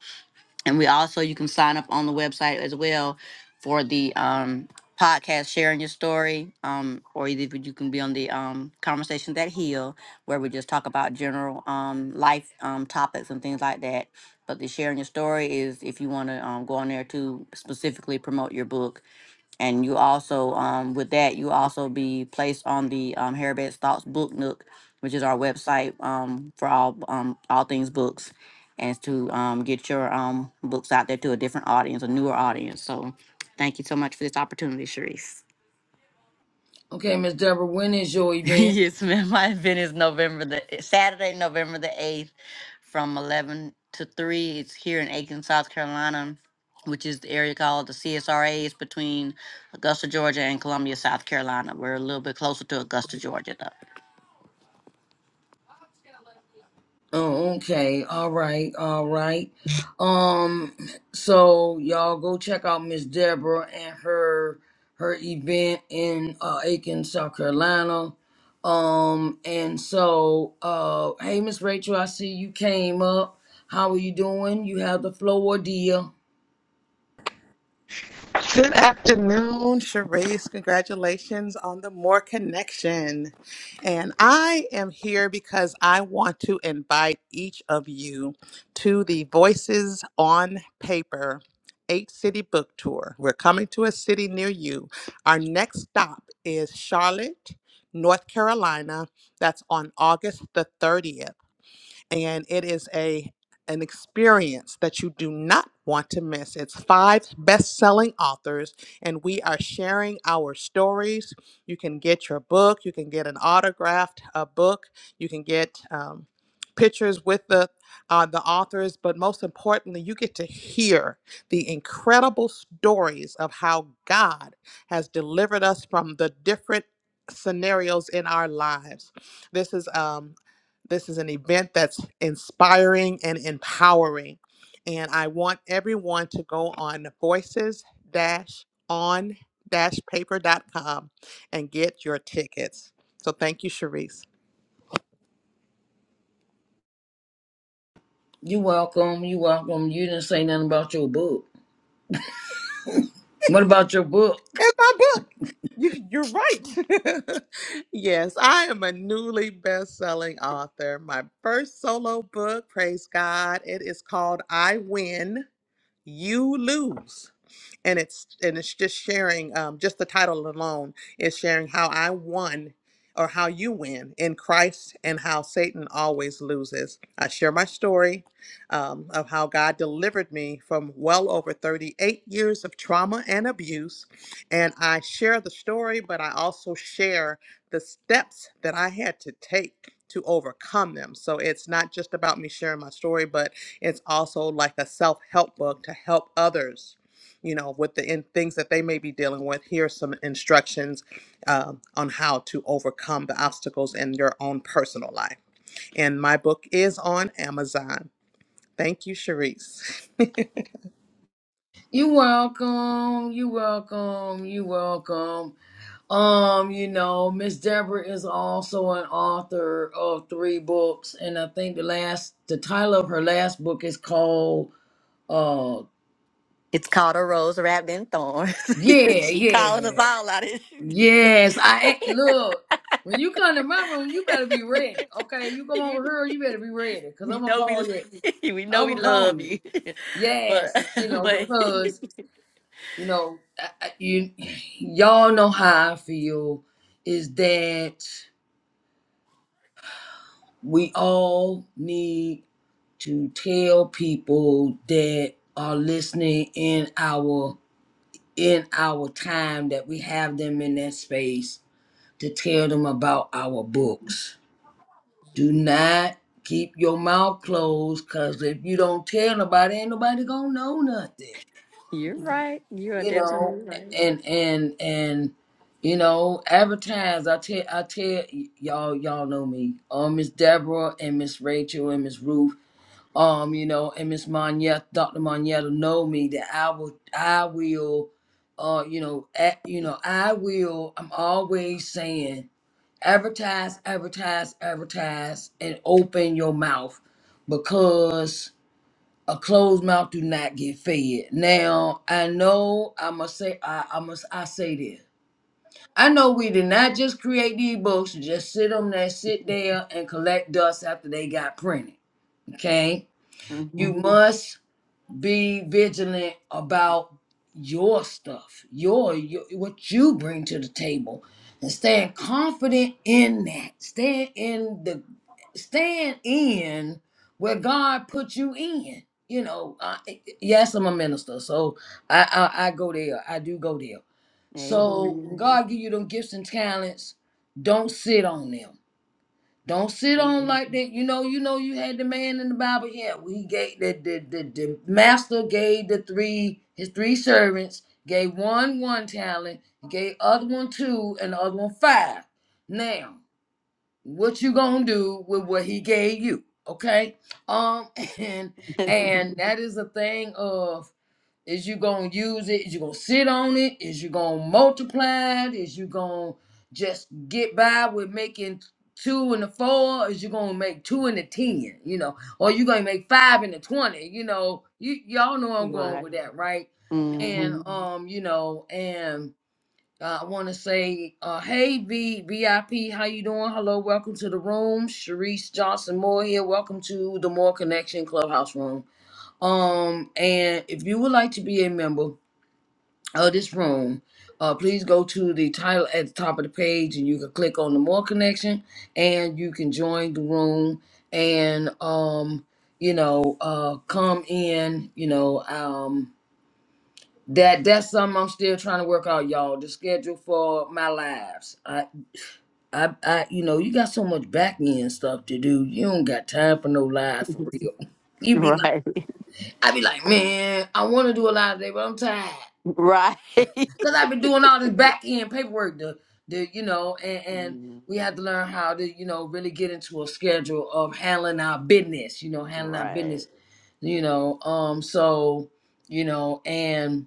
Speaker 4: and we also you can sign up on the website as well for the um podcast sharing your story um or either you can be on the um conversations that heal where we just talk about general um life um topics and things like that but the sharing your story is if you want to um, go on there to specifically promote your book and you also um, with that you also be placed on the um, Heribert Stocks Book Nook, which is our website um, for all um, all things books, and to um, get your um, books out there to a different audience, a newer audience. So, thank you so much for this opportunity, Sharice.
Speaker 1: Okay, Miss Deborah, when is your event?
Speaker 4: yes, ma'am. My event is November the eh, Saturday, November the eighth, from eleven to three. It's here in Aiken, South Carolina, which is the area called the CSRA. It's between Augusta, Georgia, and Columbia, South Carolina. We're a little bit closer to Augusta, Georgia, though.
Speaker 1: Oh, okay. All right. All right. Um, so y'all go check out Miss Deborah and her her event in uh Aiken, South Carolina. Um, and so uh hey Miss Rachel, I see you came up. How are you doing? You have the floor, dear.
Speaker 6: Good afternoon, Charisse. Congratulations on the More Connection. And I am here because I want to invite each of you to the Voices on Paper eight city book tour. We're coming to a city near you. Our next stop is Charlotte, North Carolina. That's on August the 30th and it is a an experience that you do not want to miss. It's five best-selling authors and we are sharing our stories. You can get your book, you can get an autographed uh, book, you can get um, pictures with the uh, the authors, but most importantly, you get to hear the incredible stories of how God has delivered us from the different scenarios in our lives. This is um, this is an event that's inspiring and empowering. And I want everyone to go on voices on Paper dot com and get your tickets. So thank you, Sharice.
Speaker 1: You welcome, you welcome. You didn't say nothing about your book. What about your book?
Speaker 6: And my book. You, you're right. yes, I am a newly best selling author. My first solo book, praise God, it is called I Win, You Lose. and it's and it's just sharing um, just the title alone is sharing how i won or how you win in christ and how satan always loses i share my story um, of how god delivered me from well over 38 years of trauma and abuse and i share the story but i also share the steps that i had to take to overcome them so it's not just about me sharing my story but it's also like a self-help book to help others you know, with the in, things that they may be dealing with, here's some instructions um, on how to overcome the obstacles in your own personal life. And my book is on Amazon. Thank you, Sharice.
Speaker 1: You welcome, you welcome, you welcome. Um, you know, Miss Deborah is also an author of three books, and I think the last, the title of her last book is called, uh,
Speaker 4: It's called a rose wrapped in thorns.
Speaker 1: yeah,
Speaker 4: she calling us
Speaker 1: yeah,
Speaker 4: all out. it.
Speaker 1: yes. I ain't- look when you come to my room, you better be ready, okay? You come
Speaker 4: you,
Speaker 1: over here, you better be ready, cause
Speaker 4: you
Speaker 1: I'm gonna
Speaker 4: know we
Speaker 1: call you.
Speaker 4: we know
Speaker 1: I'm
Speaker 4: we
Speaker 1: gonna call
Speaker 4: love
Speaker 1: you.
Speaker 4: you, but
Speaker 1: Yes, you know,
Speaker 4: but
Speaker 1: because you know, I, I, you y'all know how I feel is that we all need to tell people that are listening in our in our time that we have them in that space to tell them about our books. Do not keep your mouth closed because if you don't tell nobody, ain't nobody gonna know nothing.
Speaker 4: You're right. You are
Speaker 1: You know,
Speaker 4: definitely right.
Speaker 1: and and and you know, advertise. I tell I tell y- y'all y'all know me. Um, Miss Deborah and Miss Rachel and Miss Ruth um, you know, and Miss Monietta, Dr. Monietta know me that I will, I will, uh, you know, at, you know, I will, I'm always saying advertise, advertise, advertise, and open your mouth because a closed mouth do not get fed. Now, I know I must say, I, I must, I say this. I know we did not just create these books and just sit on there, sit there and collect dust after they got printed. Okay.
Speaker 4: hmm
Speaker 1: You Mhm. must be vigilant about your stuff, your, your what you bring to the table, and stand confident in that. Stand in the, stand in where God put you in. You know, I, yes, I'm a minister, so I, I I go there. I do go there. So when
Speaker 4: Amen.
Speaker 1: God give you them gifts and talents. Don't sit on them don't sit on
Speaker 4: Mhm.
Speaker 1: like that. You know, you know, you had the man in the Bible. Yeah, we gave the the, the, the master gave the three his three servants gave one one talent, gave other one two, and the other one five. Now, what you gonna do with what he gave you? Okay, um, and and that is a thing of is you gonna use it? Is you gonna sit on it? Is you gonna multiply it? Is you gonna just get by with making two and a four? Is you gonna make two and a ten? You know, or you gonna make five and a twenty? You know, you y'all know I'm going
Speaker 4: right.
Speaker 1: with that, right? And
Speaker 4: hmm
Speaker 1: Mhm. um, you know, and uh, I want to say, uh, hey V VIP, how you doing? Hello, welcome to the room. Sharice Johnson Moore here. Welcome to the More Connection Clubhouse room. Um, and if you would like to be a member of this room, uh, please go to the title at the top of the page and you can click on the more connection and you can join the room and, um, you know, uh, come in, you know, um, that that's something I'm still trying to work out, y'all. The schedule for my lives. I, I, I, you know, you got so much back end stuff to do. You don't got time for no live for real. You be like.
Speaker 4: Right.
Speaker 1: I be like, man, I want to do a lot today, but I'm tired
Speaker 4: Right.
Speaker 1: because I've been doing all this back end paperwork. The, the, you know, and, and
Speaker 4: Mhm.
Speaker 1: we have to learn how to, you know, really get into a schedule of handling our business. You know, handling our
Speaker 4: Right.
Speaker 1: business. You know, um, so, you know, and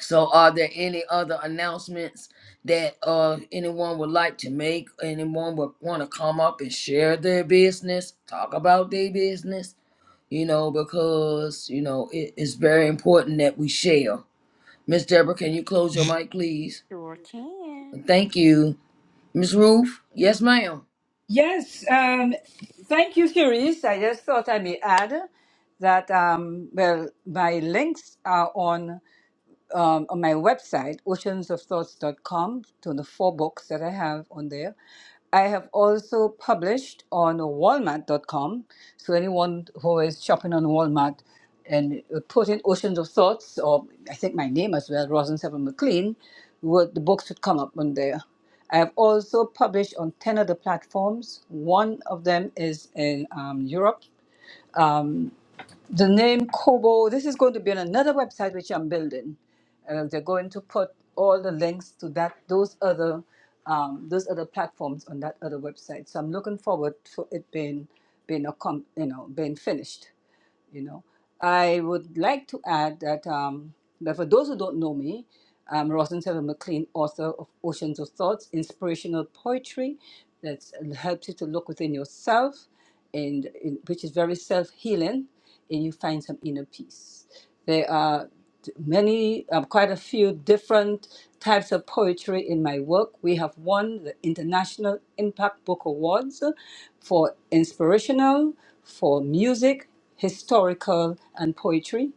Speaker 1: so, are there any other announcements that uh anyone would like to make? Anyone would want to come up and share their business, talk about their business? you know, because, you know, it is very important that we share. Miss Deborah, can you close your mic, please?
Speaker 4: Sure can.
Speaker 1: Thank you. Miss Ruth? Yes, ma'am.
Speaker 3: Yes, um, thank you, Cherise. I just thought I may add that, um, well, my links are on um, on my website, oceansofthoughts.com, to the four books that I have on there. I have also published on walmart.com. So anyone who is shopping on Walmart and put in Oceans of Thoughts, or I think my name as well, Rosin Seven McLean, would, the books would come up on there. I have also published on 10 other platforms. One of them is in um, Europe the name Kobo, this is going to be on another website which I'm building. Uh, they're going to put all the links to that, those other, um, those other platforms on that other website. So I'm looking forward to it being, being a com, you know, being finished you know. I would like to add that, um, that for those who don't know me, I'm Rosin Seven McLean, author of Oceans of Thoughts, inspirational poetry that helps you to look within yourself, and in, which is very self healing, and you find some inner peace. There are t- many, um, quite a few different types of poetry in my work. We have won the International Impact Book Awards for inspirational, for music historical and poetry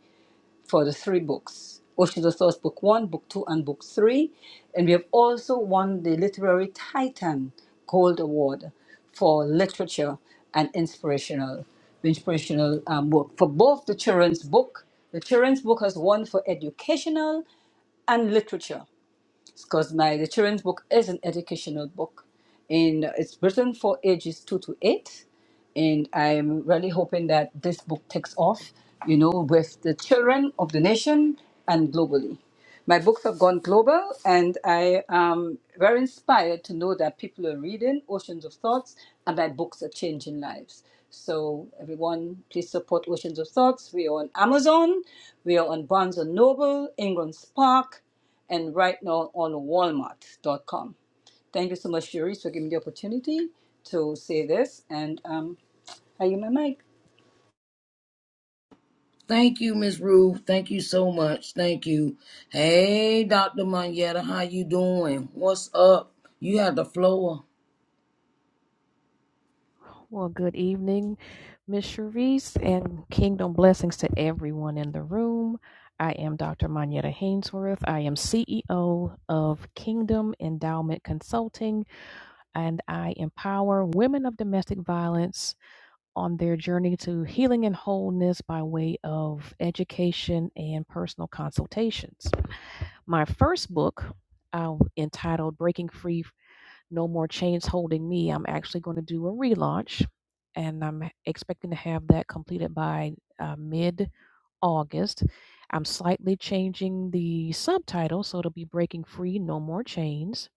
Speaker 3: for the three books Oceans of Thoughts, Book One, Book Two, and Book Three. And we have also won the Literary Titan Gold Award for literature and inspirational inspirational um, work for both the children's book. The children's book has won for educational and literature because my the children's book is an educational book, and it's written for ages two to eight and I'm really hoping that this book takes off, you know, with the children of the nation and globally. My books have gone global, and I am very inspired to know that people are reading Oceans of Thoughts, and my books are changing lives. So, everyone, please support Oceans of Thoughts. We are on Amazon, we are on Barnes& and Noble, Ingram Spark, and right now on Walmart.com. Thank you so much, Cherise, for giving me the opportunity to say this. And um, I am my mic.
Speaker 1: Thank you, Miss Ruth. Thank you so much. Thank you. Hey, Dr. Moneta, how you doing? What's up? You have the floor.
Speaker 7: Well, good evening, Miss Charisse, and kingdom blessings to everyone in the room. I am Dr. Manetta Hainsworth. I am CEO of Kingdom Endowment Consulting, and I empower women of domestic violence on their journey to healing and wholeness by way of education and personal consultations. My first book, uh, entitled Breaking Free no more chains holding me. I'm actually going to do a relaunch, and I'm expecting to have that completed by uh, mid August. I'm slightly changing the subtitle, so it'll be Breaking Free No More Chains.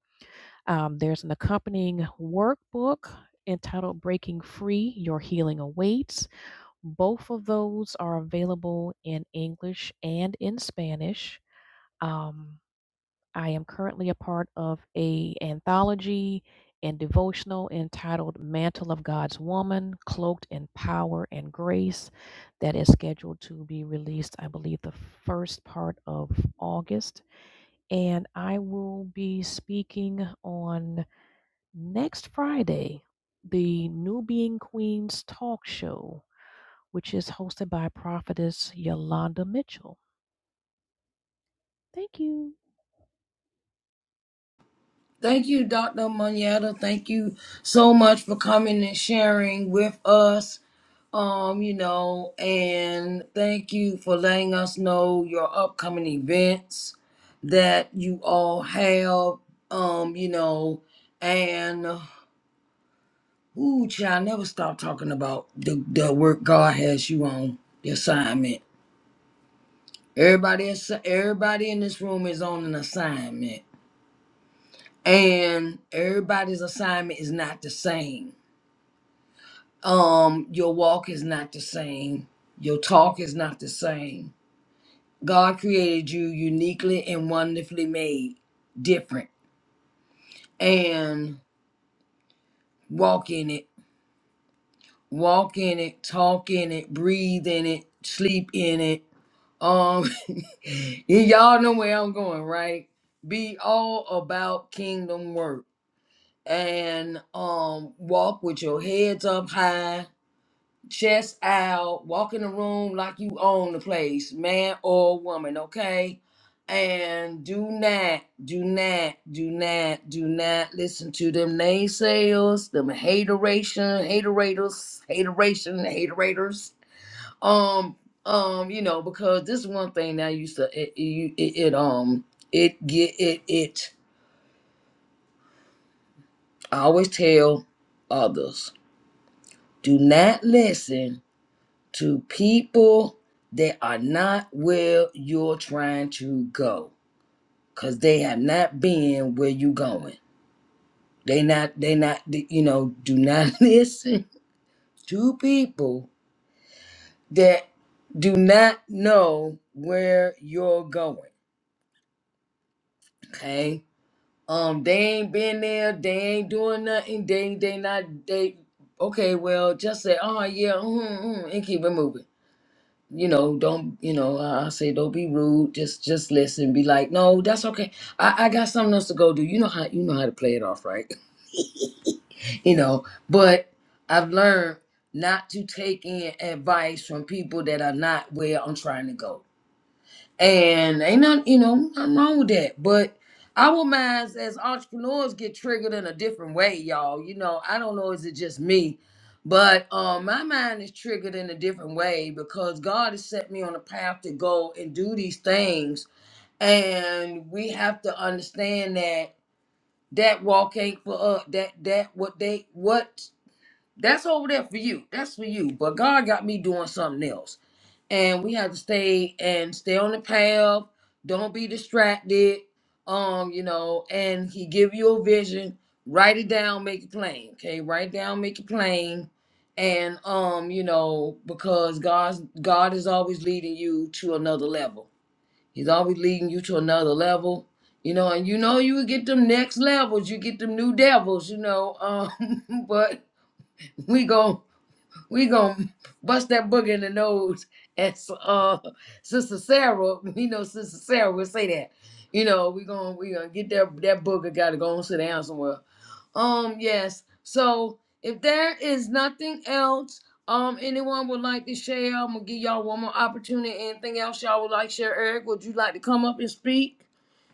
Speaker 7: Um, there's an accompanying workbook entitled Breaking Free Your Healing Awaits. Both of those are available in English and in Spanish. Um, I am currently a part of a anthology and devotional entitled Mantle of God's Woman, Cloaked in Power and Grace that is scheduled to be released, I believe, the first part of August. And I will be speaking on next Friday, the New Being Queens talk show, which is hosted by prophetess Yolanda Mitchell. Thank you.
Speaker 1: Thank you, Dr. Moneta. Thank you so much for coming and sharing with us. um, you know, and thank you for letting us know your upcoming events that you all have, um, you know, and ooh, child, never stop talking about the, the work God has you on, the assignment. Everybody, is- everybody in this room is on an assignment, and everybody's assignment is not the same. Um, your walk is not the same. Your talk is not the same God created you uniquely and wonderfully made, different, and walk in it, walk in it, talk in it, breathe in it, sleep in it. Um, y'all know where I'm going, right? Be all about kingdom work and um walk with your heads up high chest out, walk in the room like you own the place, man or woman, okay? And do not, do not, do not, do not listen to them naysayers, them hateration, haterators, hateration, haterators. Um, um, you know, because this one thing that I used to it, it, it it, um it get it it. I always tell others, do not listen to people that are not where you're trying to go because they have not been where you going they not they not you know do not listen to people that do not know where you're going okay um they ain't been there they ain't doing nothing they they not they okay well just say oh yeah mm, mm, mm," and keep it moving you know don't you know i I say don't be rude just just listen be like no that's okay I, I got something else to go do you know how you know how to play it off right you know but i've learned not to take in advice from people that are not where i'm trying to go and ain't not, you know, nothing wrong with that. But our minds as entrepreneurs get triggered in a different way, y'all. You know, I don't know, is it just me? But um, my mind is triggered in a different way because God has set me on a path to go and do these things. And we have to understand that that walk ain't for us. That that what they what that's over there for you. That's for you. But God got me doing something else and we have to stay and stay on the path. Don't be distracted. Um, you know, and he give you a vision. Write it down, make it plain. Okay, write it down, make it plain. And um, you know, because God's God is always leading you to another level. He's always leading you to another level. You know, and you know you will get them next levels, you get them new devils, you know. Um, but we go we gonna bust that booger in the nose as uh sister sarah we know sister sarah will say that you know we gonna we gonna get that that booger gotta go and sit down somewhere um yes so if there is nothing else um anyone would like to share i'm gonna give y'all one more opportunity anything else y'all would like to share eric would you like to come up and speak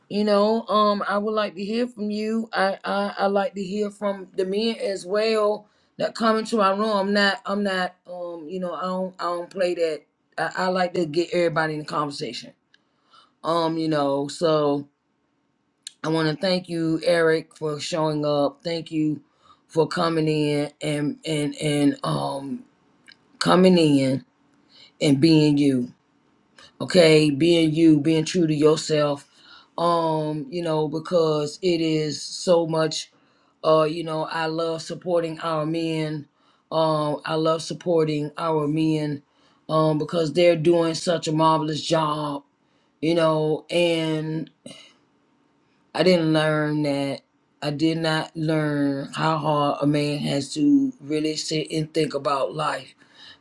Speaker 1: you know, um, I would like to hear from you. I, I I like to hear from the men as well that come into my room. I'm not I'm not um, you know, I don't I don't play that. I, I like to get everybody in the conversation. Um, you know, so I wanna thank you, Eric, for showing up. Thank you for coming in and and and um coming in and being you. okay being you being true to yourself um you know because it is so much uh you know i love supporting our men um i love supporting our men um because they're doing such a marvelous job you know, and I didn't learn that. I did not learn how hard a man has to really sit and think about life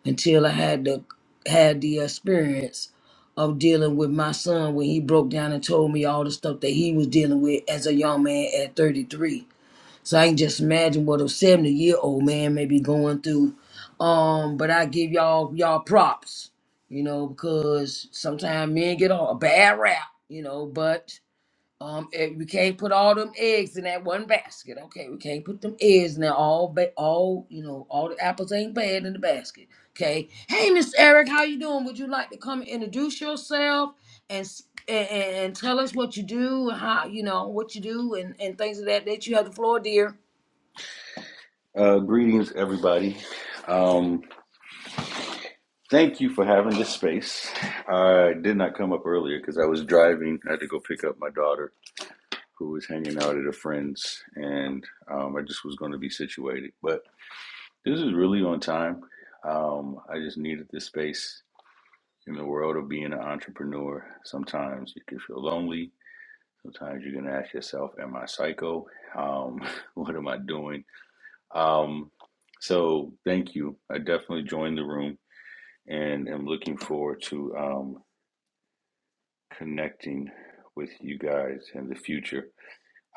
Speaker 1: until I had the had the experience of dealing with my son when he broke down and told me all the stuff that he was dealing with as a young man at 33. So I can just imagine what a 70 year old man may be going through. Um, but I give y'all y'all props, you know, because sometimes men get a a bad rap, you know, but um, eh, we can't put all them eggs in that one basket. Okay, we can't put them eggs in there. All, ba- all, you know, all the apples ain't bad in the basket. Okay. Hey, Miss Eric, how you doing? Would you like to come and introduce yourself and s- and, and and tell us what you do, and how you know what you do, and and things of that that you have the floor, dear.
Speaker 8: Uh, greetings, everybody. Um, thank you for having this space. I did not come up earlier because I was driving. I had to go pick up my daughter, who was hanging out at a friend's, and um, I just was going to be situated. But this is really on time. Um, I just needed this space in the world of being an entrepreneur. Sometimes you can feel lonely. Sometimes you can ask yourself, "Am I psycho? Um, what am I doing?" Um, so, thank you. I definitely joined the room and am looking forward to um, connecting with you guys in the future.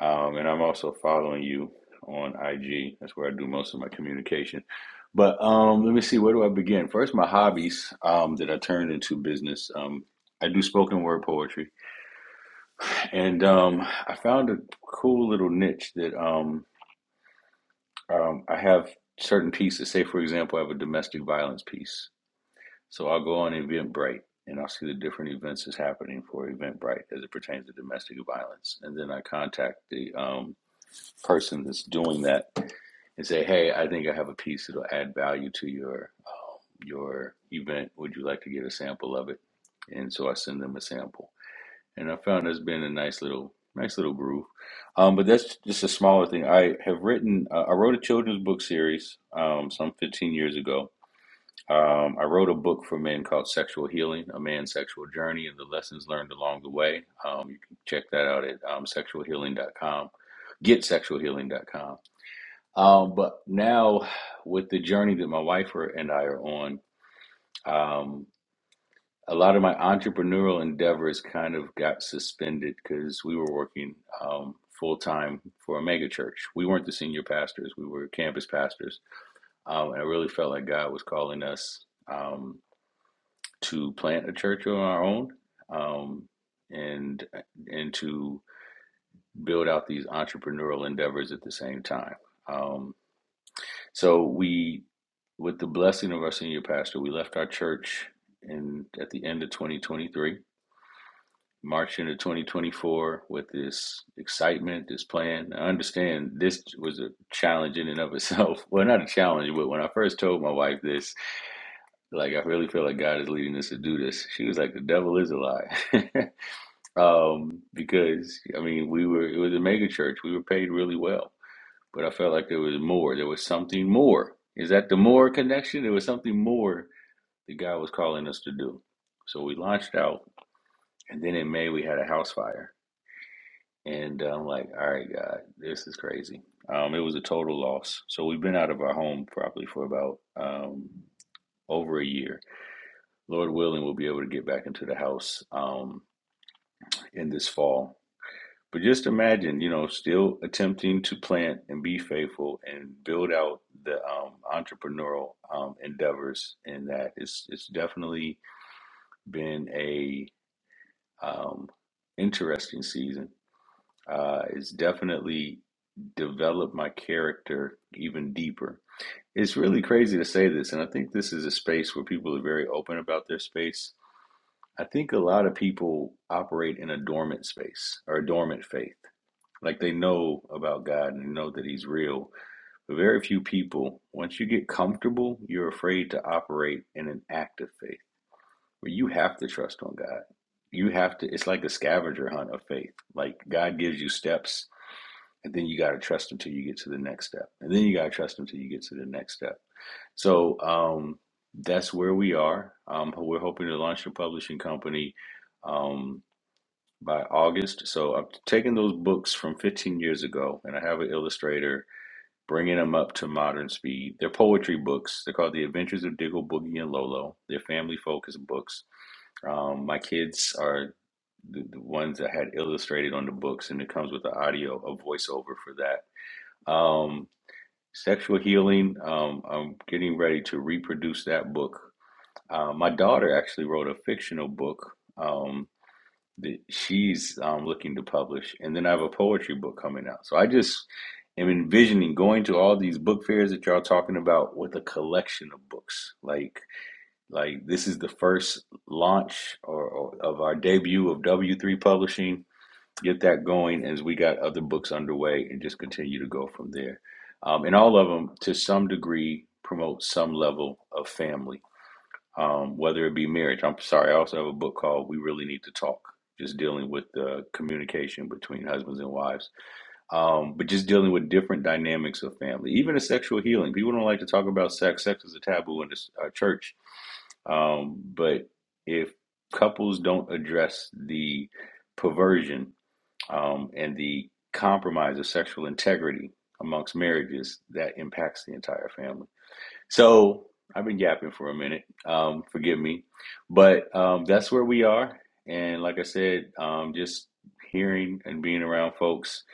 Speaker 8: Um, and I'm also following you on IG. That's where I do most of my communication. But um, let me see, where do I begin? First, my hobbies um, that I turned into business. Um, I do spoken word poetry, and um, I found a cool little niche that um, um, I have certain pieces. Say, for example, I have a domestic violence piece. So I'll go on Eventbrite and I'll see the different events that's happening for Eventbrite as it pertains to domestic violence. And then I contact the um, person that's doing that and say, "Hey, I think I have a piece that'll add value to your um, your event. Would you like to get a sample of it?" And so I send them a sample, and I found there's been a nice little nice little groove. Um, but that's just a smaller thing. I have written. Uh, I wrote a children's book series um, some 15 years ago um, I wrote a book for men called Sexual Healing, A Man's Sexual Journey and the Lessons Learned Along the Way. Um, you can check that out at um, sexualhealing.com, getsexualhealing.com. Um, but now, with the journey that my wife and I are on, um, a lot of my entrepreneurial endeavors kind of got suspended because we were working um, full time for a mega church. We weren't the senior pastors, we were campus pastors. Um, and I really felt like God was calling us. Um, to plant a church of our own um, and and to build out these entrepreneurial endeavors at the same time. Um, so we, with the blessing of our senior pastor, we left our church in at the end of 2023, marched into 2024 with this excitement, this plan. I understand this was a challenge in and of itself. Well, not a challenge, but when I first told my wife this, like I really feel like God is leading us to do this. She was like, the devil is a lie, um, because I mean, we were it was a mega church. We were paid really well, but I felt like there was more. There was something more. Is that the more connection? There was something more that God was calling us to do. So we launched out, and then in May we had a house fire, and I'm like, all right, God, this is crazy. Um, it was a total loss. So we've been out of our home probably for about um, over a year Lord willing, we'll be able to get back into the house um, in this fall. But just imagine, you know, still attempting to plant and be faithful and build out the um, entrepreneurial um, endeavors, and that it's it's definitely been a um, interesting season. Uh, it's definitely developed my character even deeper. It's really crazy to say this, and I think this is a space where people are very open about their space I think a lot of people operate in a dormant space or a dormant faith. Like they know about God and know that He's real. But very few people, once you get comfortable, you're afraid to operate in an active faith where you have to trust on God. You have to, it's like a scavenger hunt of faith. Like God gives you steps and then you got to trust Him till you get to the next step. And then you got to trust Him till you get to the next step. So um, that's where we are. Um, we're hoping to launch a publishing company. Um, by August. So I'm taking those books from 15 years ago, and I have an illustrator bringing them up to modern speed. They're poetry books. They're called The Adventures of Diggle, Boogie, and Lolo. They're family focused books. Um, my kids are the, the ones that had illustrated on the books, and it comes with the audio, a voiceover for that. Um, sexual healing. Um, I'm getting ready to reproduce that book. Uh, my daughter actually wrote a fictional book. Um, that she's um, looking to publish, and then I have a poetry book coming out. So I just am envisioning going to all these book fairs that y'all talking about with a collection of books. Like, like this is the first launch or, or of our debut of W three Publishing. Get that going as we got other books underway, and just continue to go from there. Um, and all of them, to some degree, promote some level of family um, whether it be marriage. I'm sorry, I also have a book called We Really Need to Talk, just dealing with the communication between husbands and wives, um, but just dealing with different dynamics of family, even a sexual healing. People don't like to talk about sex. Sex is a taboo in this uh, church. Um, but if couples don't address the perversion um, and the compromise of sexual integrity amongst marriages, that impacts the entire family. So I've been yapping for a minute. Um, forgive me, but um, that's where we are. And like I said, um, just hearing and being around folks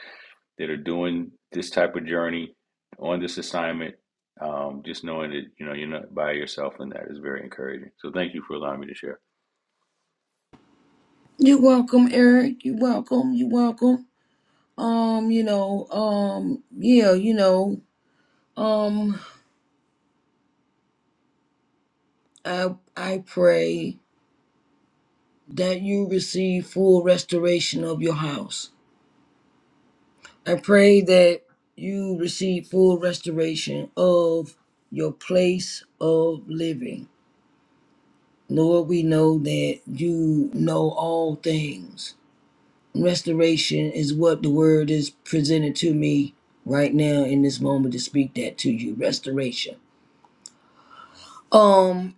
Speaker 8: that are doing this type of journey on this assignment, um, just knowing that you know you're not by yourself, and that is very encouraging. So thank you for allowing me to share.
Speaker 1: You're welcome, Eric. You're welcome. You're welcome. Um, you know, um, yeah, you know, um, I I pray. that you receive full restoration of your house. I pray that you receive full restoration of your place of living. Lord, we know that you know all things. Restoration is what the word is presented to me right now in this moment to speak that to you. Restoration. Um,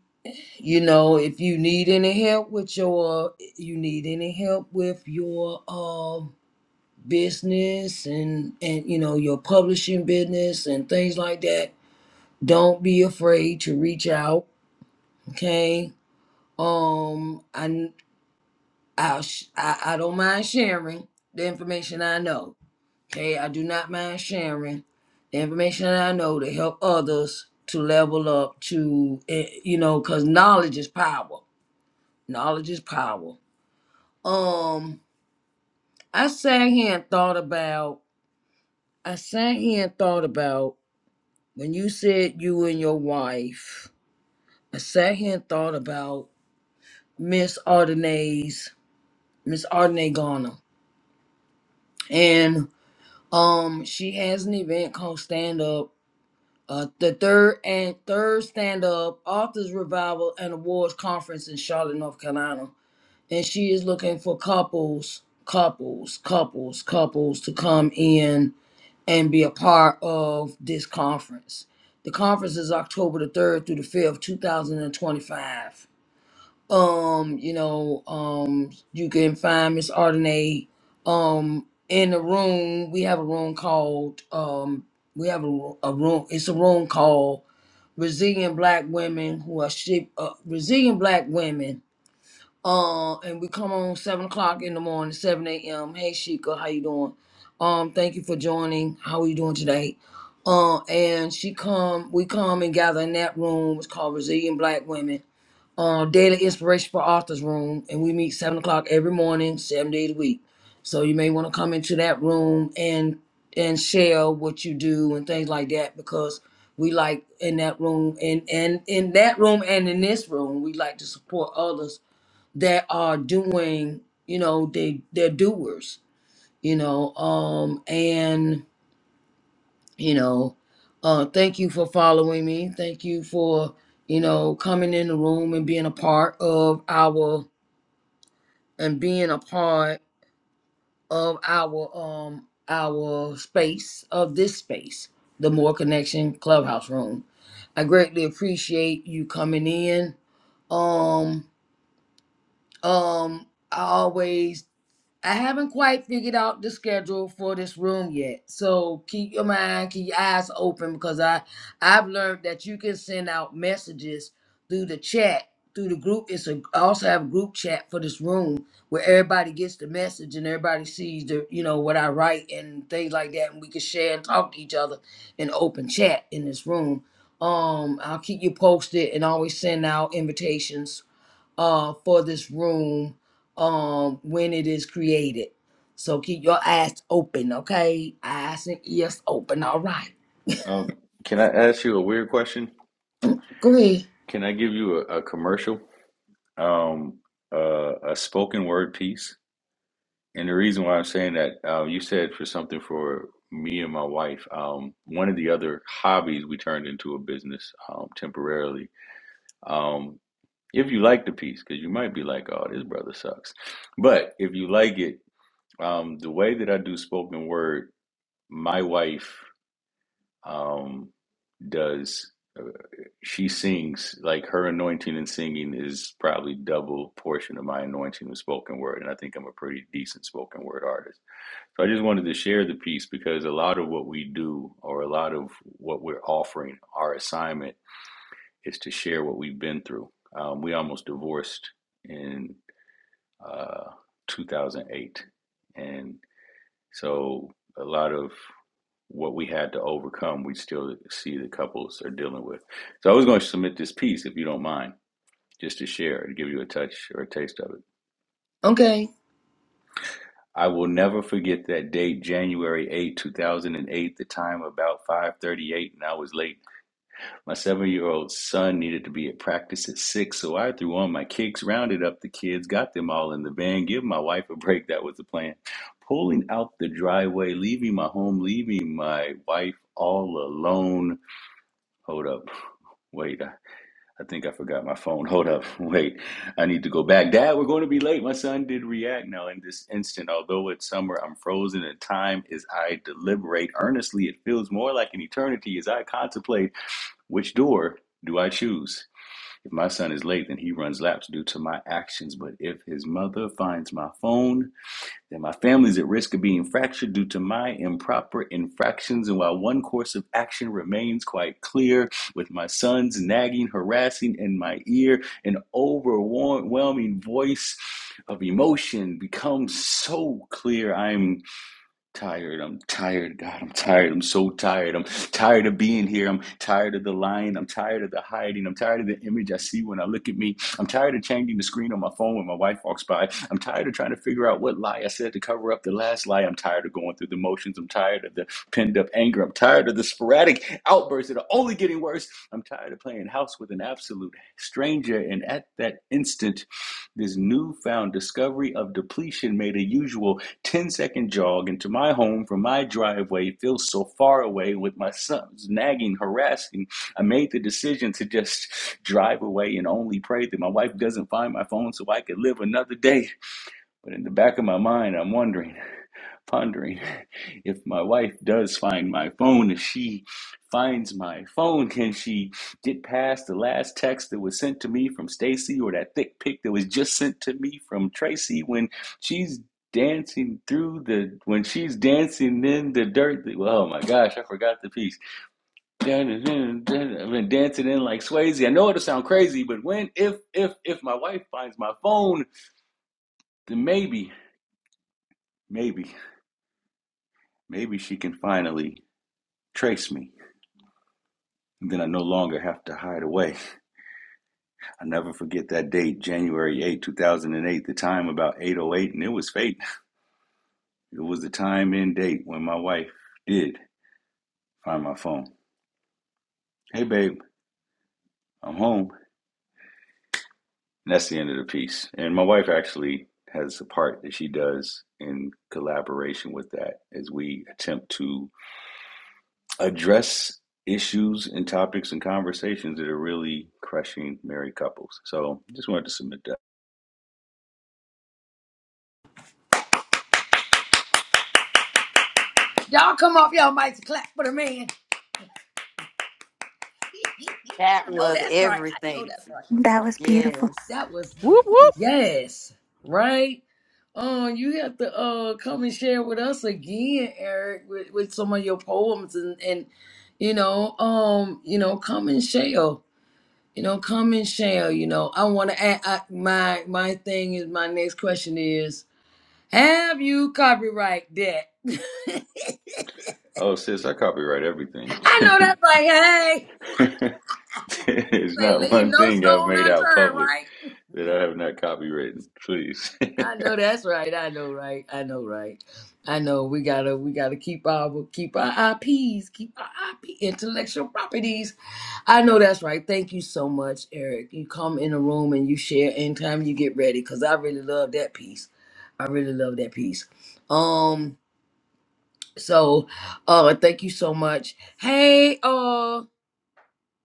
Speaker 1: you know, if you need any help with your, you need any help with your, um, business and and you know your publishing business and things like that don't be afraid to reach out okay um i i i, I don't mind sharing the information i know okay i do not mind sharing the information that i know to help others to level up to eh, you know because knowledge is power knowledge is power um i sat here and thought about i sat here and thought about when you said you and your wife, I sat here and thought about Miss Ardenay's Miss Ardenay Garner, and um, she has an event called Stand Up, uh, the third and third Stand Up Authors Revival and Awards Conference in Charlotte, North Carolina, and she is looking for couples, couples, couples, couples to come in and be a part of this conference. The conference is October the 3rd through the 5th, 2025. Um, you know, um, you can find Miss Ardenay um in the room. We have a room called um we have a, ro- a room it's a room called Resilient Black Women who are ship uh, resilient black women uh, and we come on seven o'clock in the morning, seven a.m. Hey, Sheikah, how you doing? Um, thank you for joining. How are you doing today? Uh, and she come, we come and gather in that room. It's called Resilient Black Women. Uh, Daily Inspiration for Authors Room, and we meet seven o'clock every morning, seven days a week. So you may want to come into that room and and share what you do and things like that because we like in that room and and in that room and in this room we like to support others that are doing you know they they're doers you know um and you know uh thank you for following me thank you for you know coming in the room and being a part of our and being a part of our um our space of this space the more connection clubhouse room i greatly appreciate you coming in um um i always I haven't quite figured out the schedule for this room yet. So keep your mind, keep your eyes open because I I've learned that you can send out messages through the chat, through the group. It's a I also have a group chat for this room where everybody gets the message and everybody sees the you know what I write and things like that and we can share and talk to each other in open chat in this room. Um I'll keep you posted and always send out invitations uh, for this room um, when it is created. So keep your eyes open, okay? Eyes and ears open, all right.
Speaker 8: Um, can I ask you a weird question?
Speaker 1: Go ahead.
Speaker 8: Can I give you a, a commercial, um, uh, a spoken word piece? And the reason why I'm saying that, uh, you said for something for me and my wife, um, one of the other hobbies we turned into a business um, temporarily. Um, if you like the piece, because you might be like, oh, this brother sucks. But if you like it, um, the way that I do spoken word, my wife um, does, uh, she sings, like her anointing and singing is probably double portion of my anointing of spoken word. And I think I'm a pretty decent spoken word artist. So I just wanted to share the piece because a lot of what we do or a lot of what we're offering, our assignment is to share what we've been through. Um, we almost divorced in uh, 2008. And so a lot of what we had to overcome, we still see the couples are dealing with. So I was going to submit this piece, if you don't mind, just to share, to give you a touch or a taste of it.
Speaker 1: Okay.
Speaker 8: I will never forget that date, January eighth, two 2008, the time about 5:38 and I was late. My 7-year-old son needed to be at practice at 6, so I threw on my kicks, rounded up the kids, got them all in the van, give my wife a break, that was the plan. Pulling out the driveway, leaving my home, leaving my wife all alone. Hold up. Wait, I think I forgot my phone. Hold up. Wait. I need to go back. Dad, we're going to be late. My son did react now in this instant. Although it's summer, I'm frozen and time as I deliberate earnestly. It feels more like an eternity as I contemplate which door do I choose. If my son is late, then he runs laps due to my actions. But if his mother finds my phone, that my family is at risk of being fractured due to my improper infractions. And while one course of action remains quite clear, with my sons nagging, harassing in my ear, an overwhelming voice of emotion becomes so clear. I'm tired. I'm tired. God, I'm tired. I'm so tired. I'm tired of being here. I'm tired of the lying. I'm tired of the hiding. I'm tired of the image I see when I look at me. I'm tired of changing the screen on my phone when my wife walks by. I'm tired of trying to figure out what lie I said to cover up the last lie. I'm tired of going through the motions. I'm tired of the pinned up anger. I'm tired of the sporadic outbursts that are only getting worse. I'm tired of playing house with an absolute stranger. And at that instant, this newfound discovery of depletion made a usual Ten-second jog into my home from my driveway feels so far away with my sons nagging, harassing. I made the decision to just drive away and only pray that my wife doesn't find my phone so I could live another day. But in the back of my mind, I'm wondering pondering if my wife does find my phone, if she finds my phone, can she get past the last text that was sent to me from Stacy or that thick pic that was just sent to me from Tracy when she's dancing through the when she's dancing in the dirt well, oh my gosh i forgot the piece Dun, dun, dun, dun. i've been dancing in like swayze i know it'll sound crazy but when if if if my wife finds my phone then maybe maybe maybe she can finally trace me And then I no longer have to hide away. I never forget that date, January eighth, two 2008, the time about 808, and it was fate. It was the time and date when my wife did find my phone. Hey, babe, I'm home. And that's the end of the piece. And my wife actually has a part that she does in collaboration with that as we attempt to address issues and topics and conversations that are really crushing married couples. So just wanted to submit that.
Speaker 1: Y'all come off y'all mics and clap for the man. I
Speaker 4: That
Speaker 1: know
Speaker 4: was
Speaker 1: that's right. I know
Speaker 4: everything.
Speaker 1: that's right.
Speaker 9: That was beautiful.
Speaker 4: Yes.
Speaker 1: That was
Speaker 7: Whoop
Speaker 1: oh,
Speaker 7: whoop.
Speaker 1: yes, right? Uh, you have to uh come and share with us again, Eric, with, with some of your poems and and you know um you know come and share. You know, come and share. You know, I want to add I, my my thing is my next question is: Have you copyright that?
Speaker 8: Oh, sis, I copyright
Speaker 1: I know
Speaker 8: everything.
Speaker 1: that's like, hey,
Speaker 8: There's
Speaker 1: say
Speaker 8: not
Speaker 1: leave
Speaker 8: one
Speaker 1: no
Speaker 8: thing I've
Speaker 1: stone
Speaker 8: made out
Speaker 1: unturned,
Speaker 8: public
Speaker 1: right?
Speaker 8: that I have not copywritten. Please.
Speaker 1: I know that's right. I know right. I know right. I know we gotta we gotta keep our keep our IPs, keep our IP intellectual properties I know that's right. Thank you so much, Eric. You come in the room and you share anytime you get ready because I really love that piece. I really love that piece. Um, so uh thank you so much. Hey, uh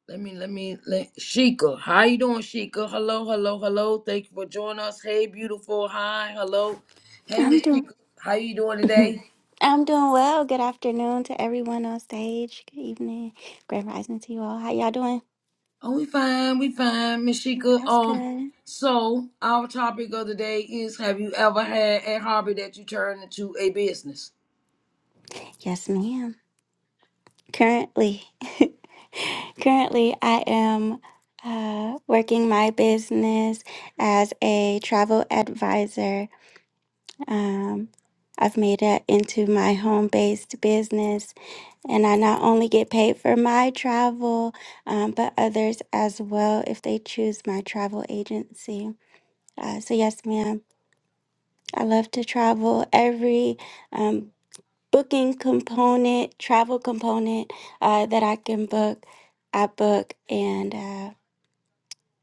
Speaker 1: let me let me let Sheikah. How you doing, Sheikah? Hello, hello, hello. Thank you for joining us. Hey, beautiful. Hi, hello. Hey,
Speaker 9: I'm
Speaker 1: Miss
Speaker 9: doing
Speaker 1: Sheikah. How you doing today?
Speaker 9: I'm doing well. Good afternoon to everyone on stage. Good evening. Grand rising to you all. How y'all doing?
Speaker 1: Oh, we fine, we fine, Miss Sheikah.
Speaker 9: That's
Speaker 1: Um,
Speaker 9: good.
Speaker 1: so our topic of the day is: Have you ever had a hobby that you turned into a business?
Speaker 9: Yes, ma'am. Currently, currently I am uh, working my business as a travel advisor Um, I've made it into my home based business, and I not only get paid for my travel, um, but others as well if they choose my travel agency. Uh, so, yes, ma'am, I love to travel. Every um, booking component, travel component uh, that I can book, I book, and uh,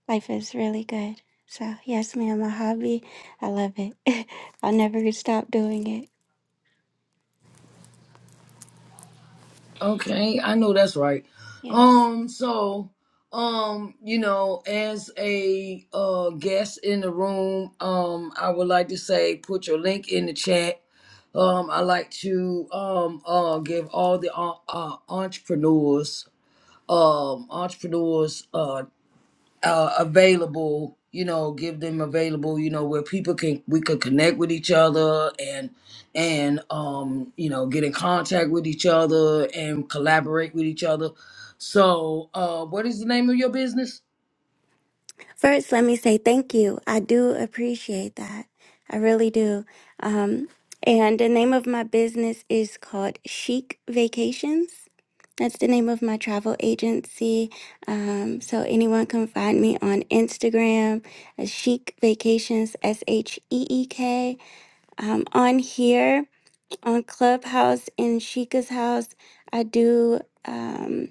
Speaker 9: life is really good. So, yes, ma'am, my hobby, I love it. I'll never stop doing it.
Speaker 1: Okay, I know that's right.
Speaker 9: Yes.
Speaker 1: Um, so, um, you know, as a uh guest in the room, um, I would like to say, put your link in the chat. Um, I like to um uh give all the uh, uh entrepreneurs um entrepreneurs uh uh, available you know give them available you know where people can we could connect with each other and and um you know get in contact with each other and collaborate with each other so uh what is the name of your business
Speaker 9: First, let me say thank you. I do appreciate that. I really do. Um, and the name of my business is called Chic Vacations. That's the name of my travel agency. Um, so anyone can find me on Instagram, uh, Chic Vacations, S H E E K. Um, on here, on Clubhouse in Chica's house, I do. Um,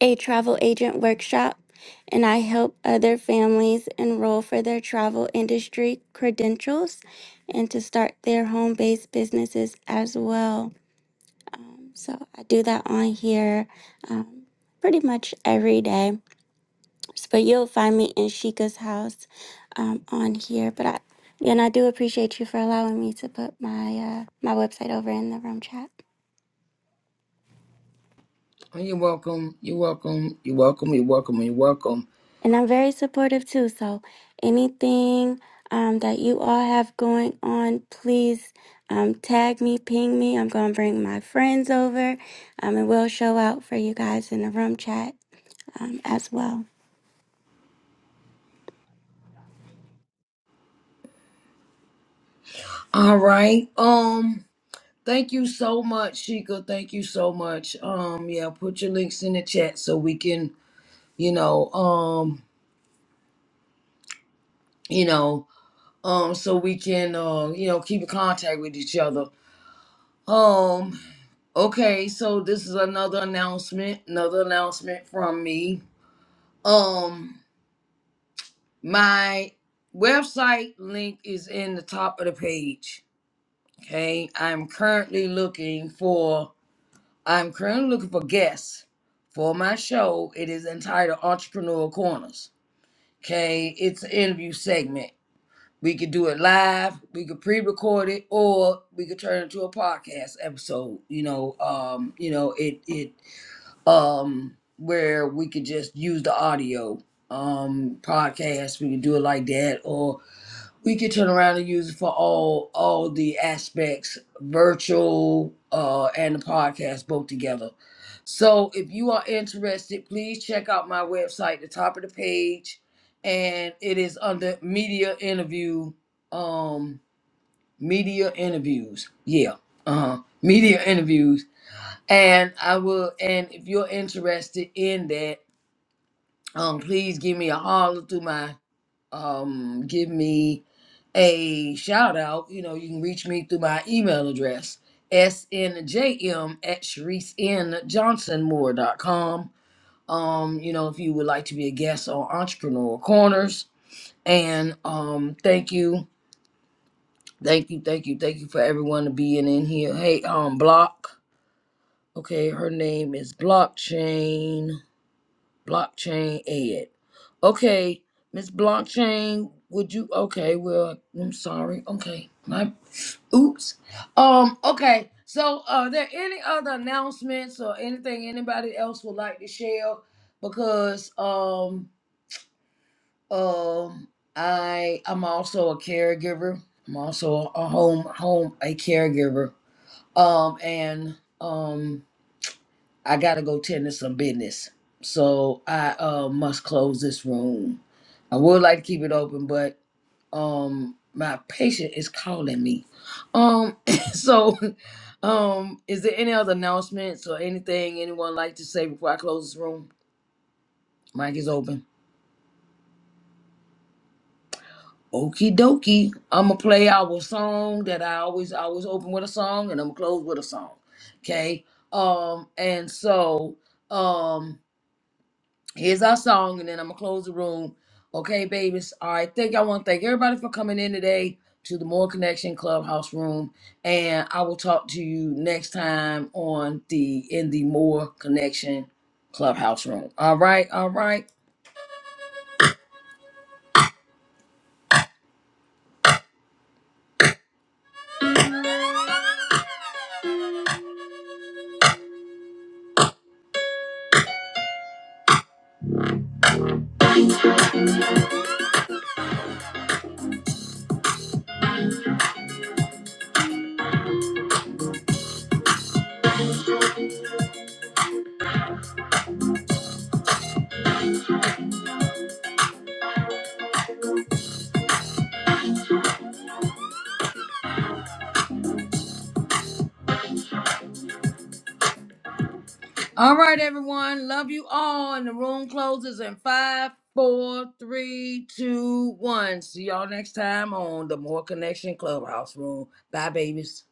Speaker 9: a travel agent workshop, and I help other families enroll for their travel industry credentials and to start their home based businesses as well. Um, so I do that on here um, pretty much every day. S- But you'll find me in Sheikah's house um, on here. But I and I do appreciate you for allowing me to put my uh, my website over in the room chat.
Speaker 1: Oh, you're welcome you're welcome you're welcome you're welcome you're welcome
Speaker 9: And I'm very supportive too. So anything um, that you all have going on, please um, tag me, ping me. I'm going to bring my friends over um, and we'll show out for you guys in the room chat um, as well.
Speaker 1: all right um thank you so much Sheikah. thank you so much um yeah put your links in the chat so we can you know um you know um so we can um you know keep in contact with each other um okay so this is another announcement another announcement from me um my website link is in the top of the page okay i'm currently looking for i'm currently looking for guests for my show it is entitled entrepreneur corners okay it's an interview segment We could do it live, we could pre-record it, or we could turn it into a podcast episode, you know, um, you know, it it um where we could just use the audio um podcast. We could do it like that, or we could turn around and use it for all all the aspects virtual uh and the podcast both together so if you are interested please check out my website the top of the page and it is under media interview um media interviews yeah uh-huh media interviews and i will and if you're interested in that um please give me a holler through my um, give me a shout out, you know, you can reach me through my email address, snjm at sharicenjohnsonmoore.com. Um, you know, if you would like to be a guest on Entrepreneur Corners. And um, thank you, thank you, thank you, thank you for everyone to being in here. Hey, um, Block. Okay, her name is Blockchain. blockchain ed. Okay, Miss Blockchain, would you? Okay, well, I'm sorry. Okay, my oops. Um, okay. So, are there any other announcements or anything anybody else would like to share? Because um um I I'm also a caregiver. I'm also a home home a caregiver. Um and um. I gotta go tend to some business. So I uh, must close this room. I would like to keep it open, but um my patient is calling me. Um so um is there any other announcements or anything anyone like to say before I close this room? Mic is open. Okie dokie. I'ma play our song that I always I always open with a song and I'm gonna close with a song. Okay. Um and so um. Here's our song, and then I'm gonna close the room. Okay, babies. All right, thank you. all want to thank everybody for coming in today to the More Connection Clubhouse room, and I will talk to you next time on the in the More Connection Clubhouse room. All right, all right, all right, everyone. Love you all, and the room closes in five, four, three, two, one. See y'all next time on the More Connection Clubhouse room. Bye, babies.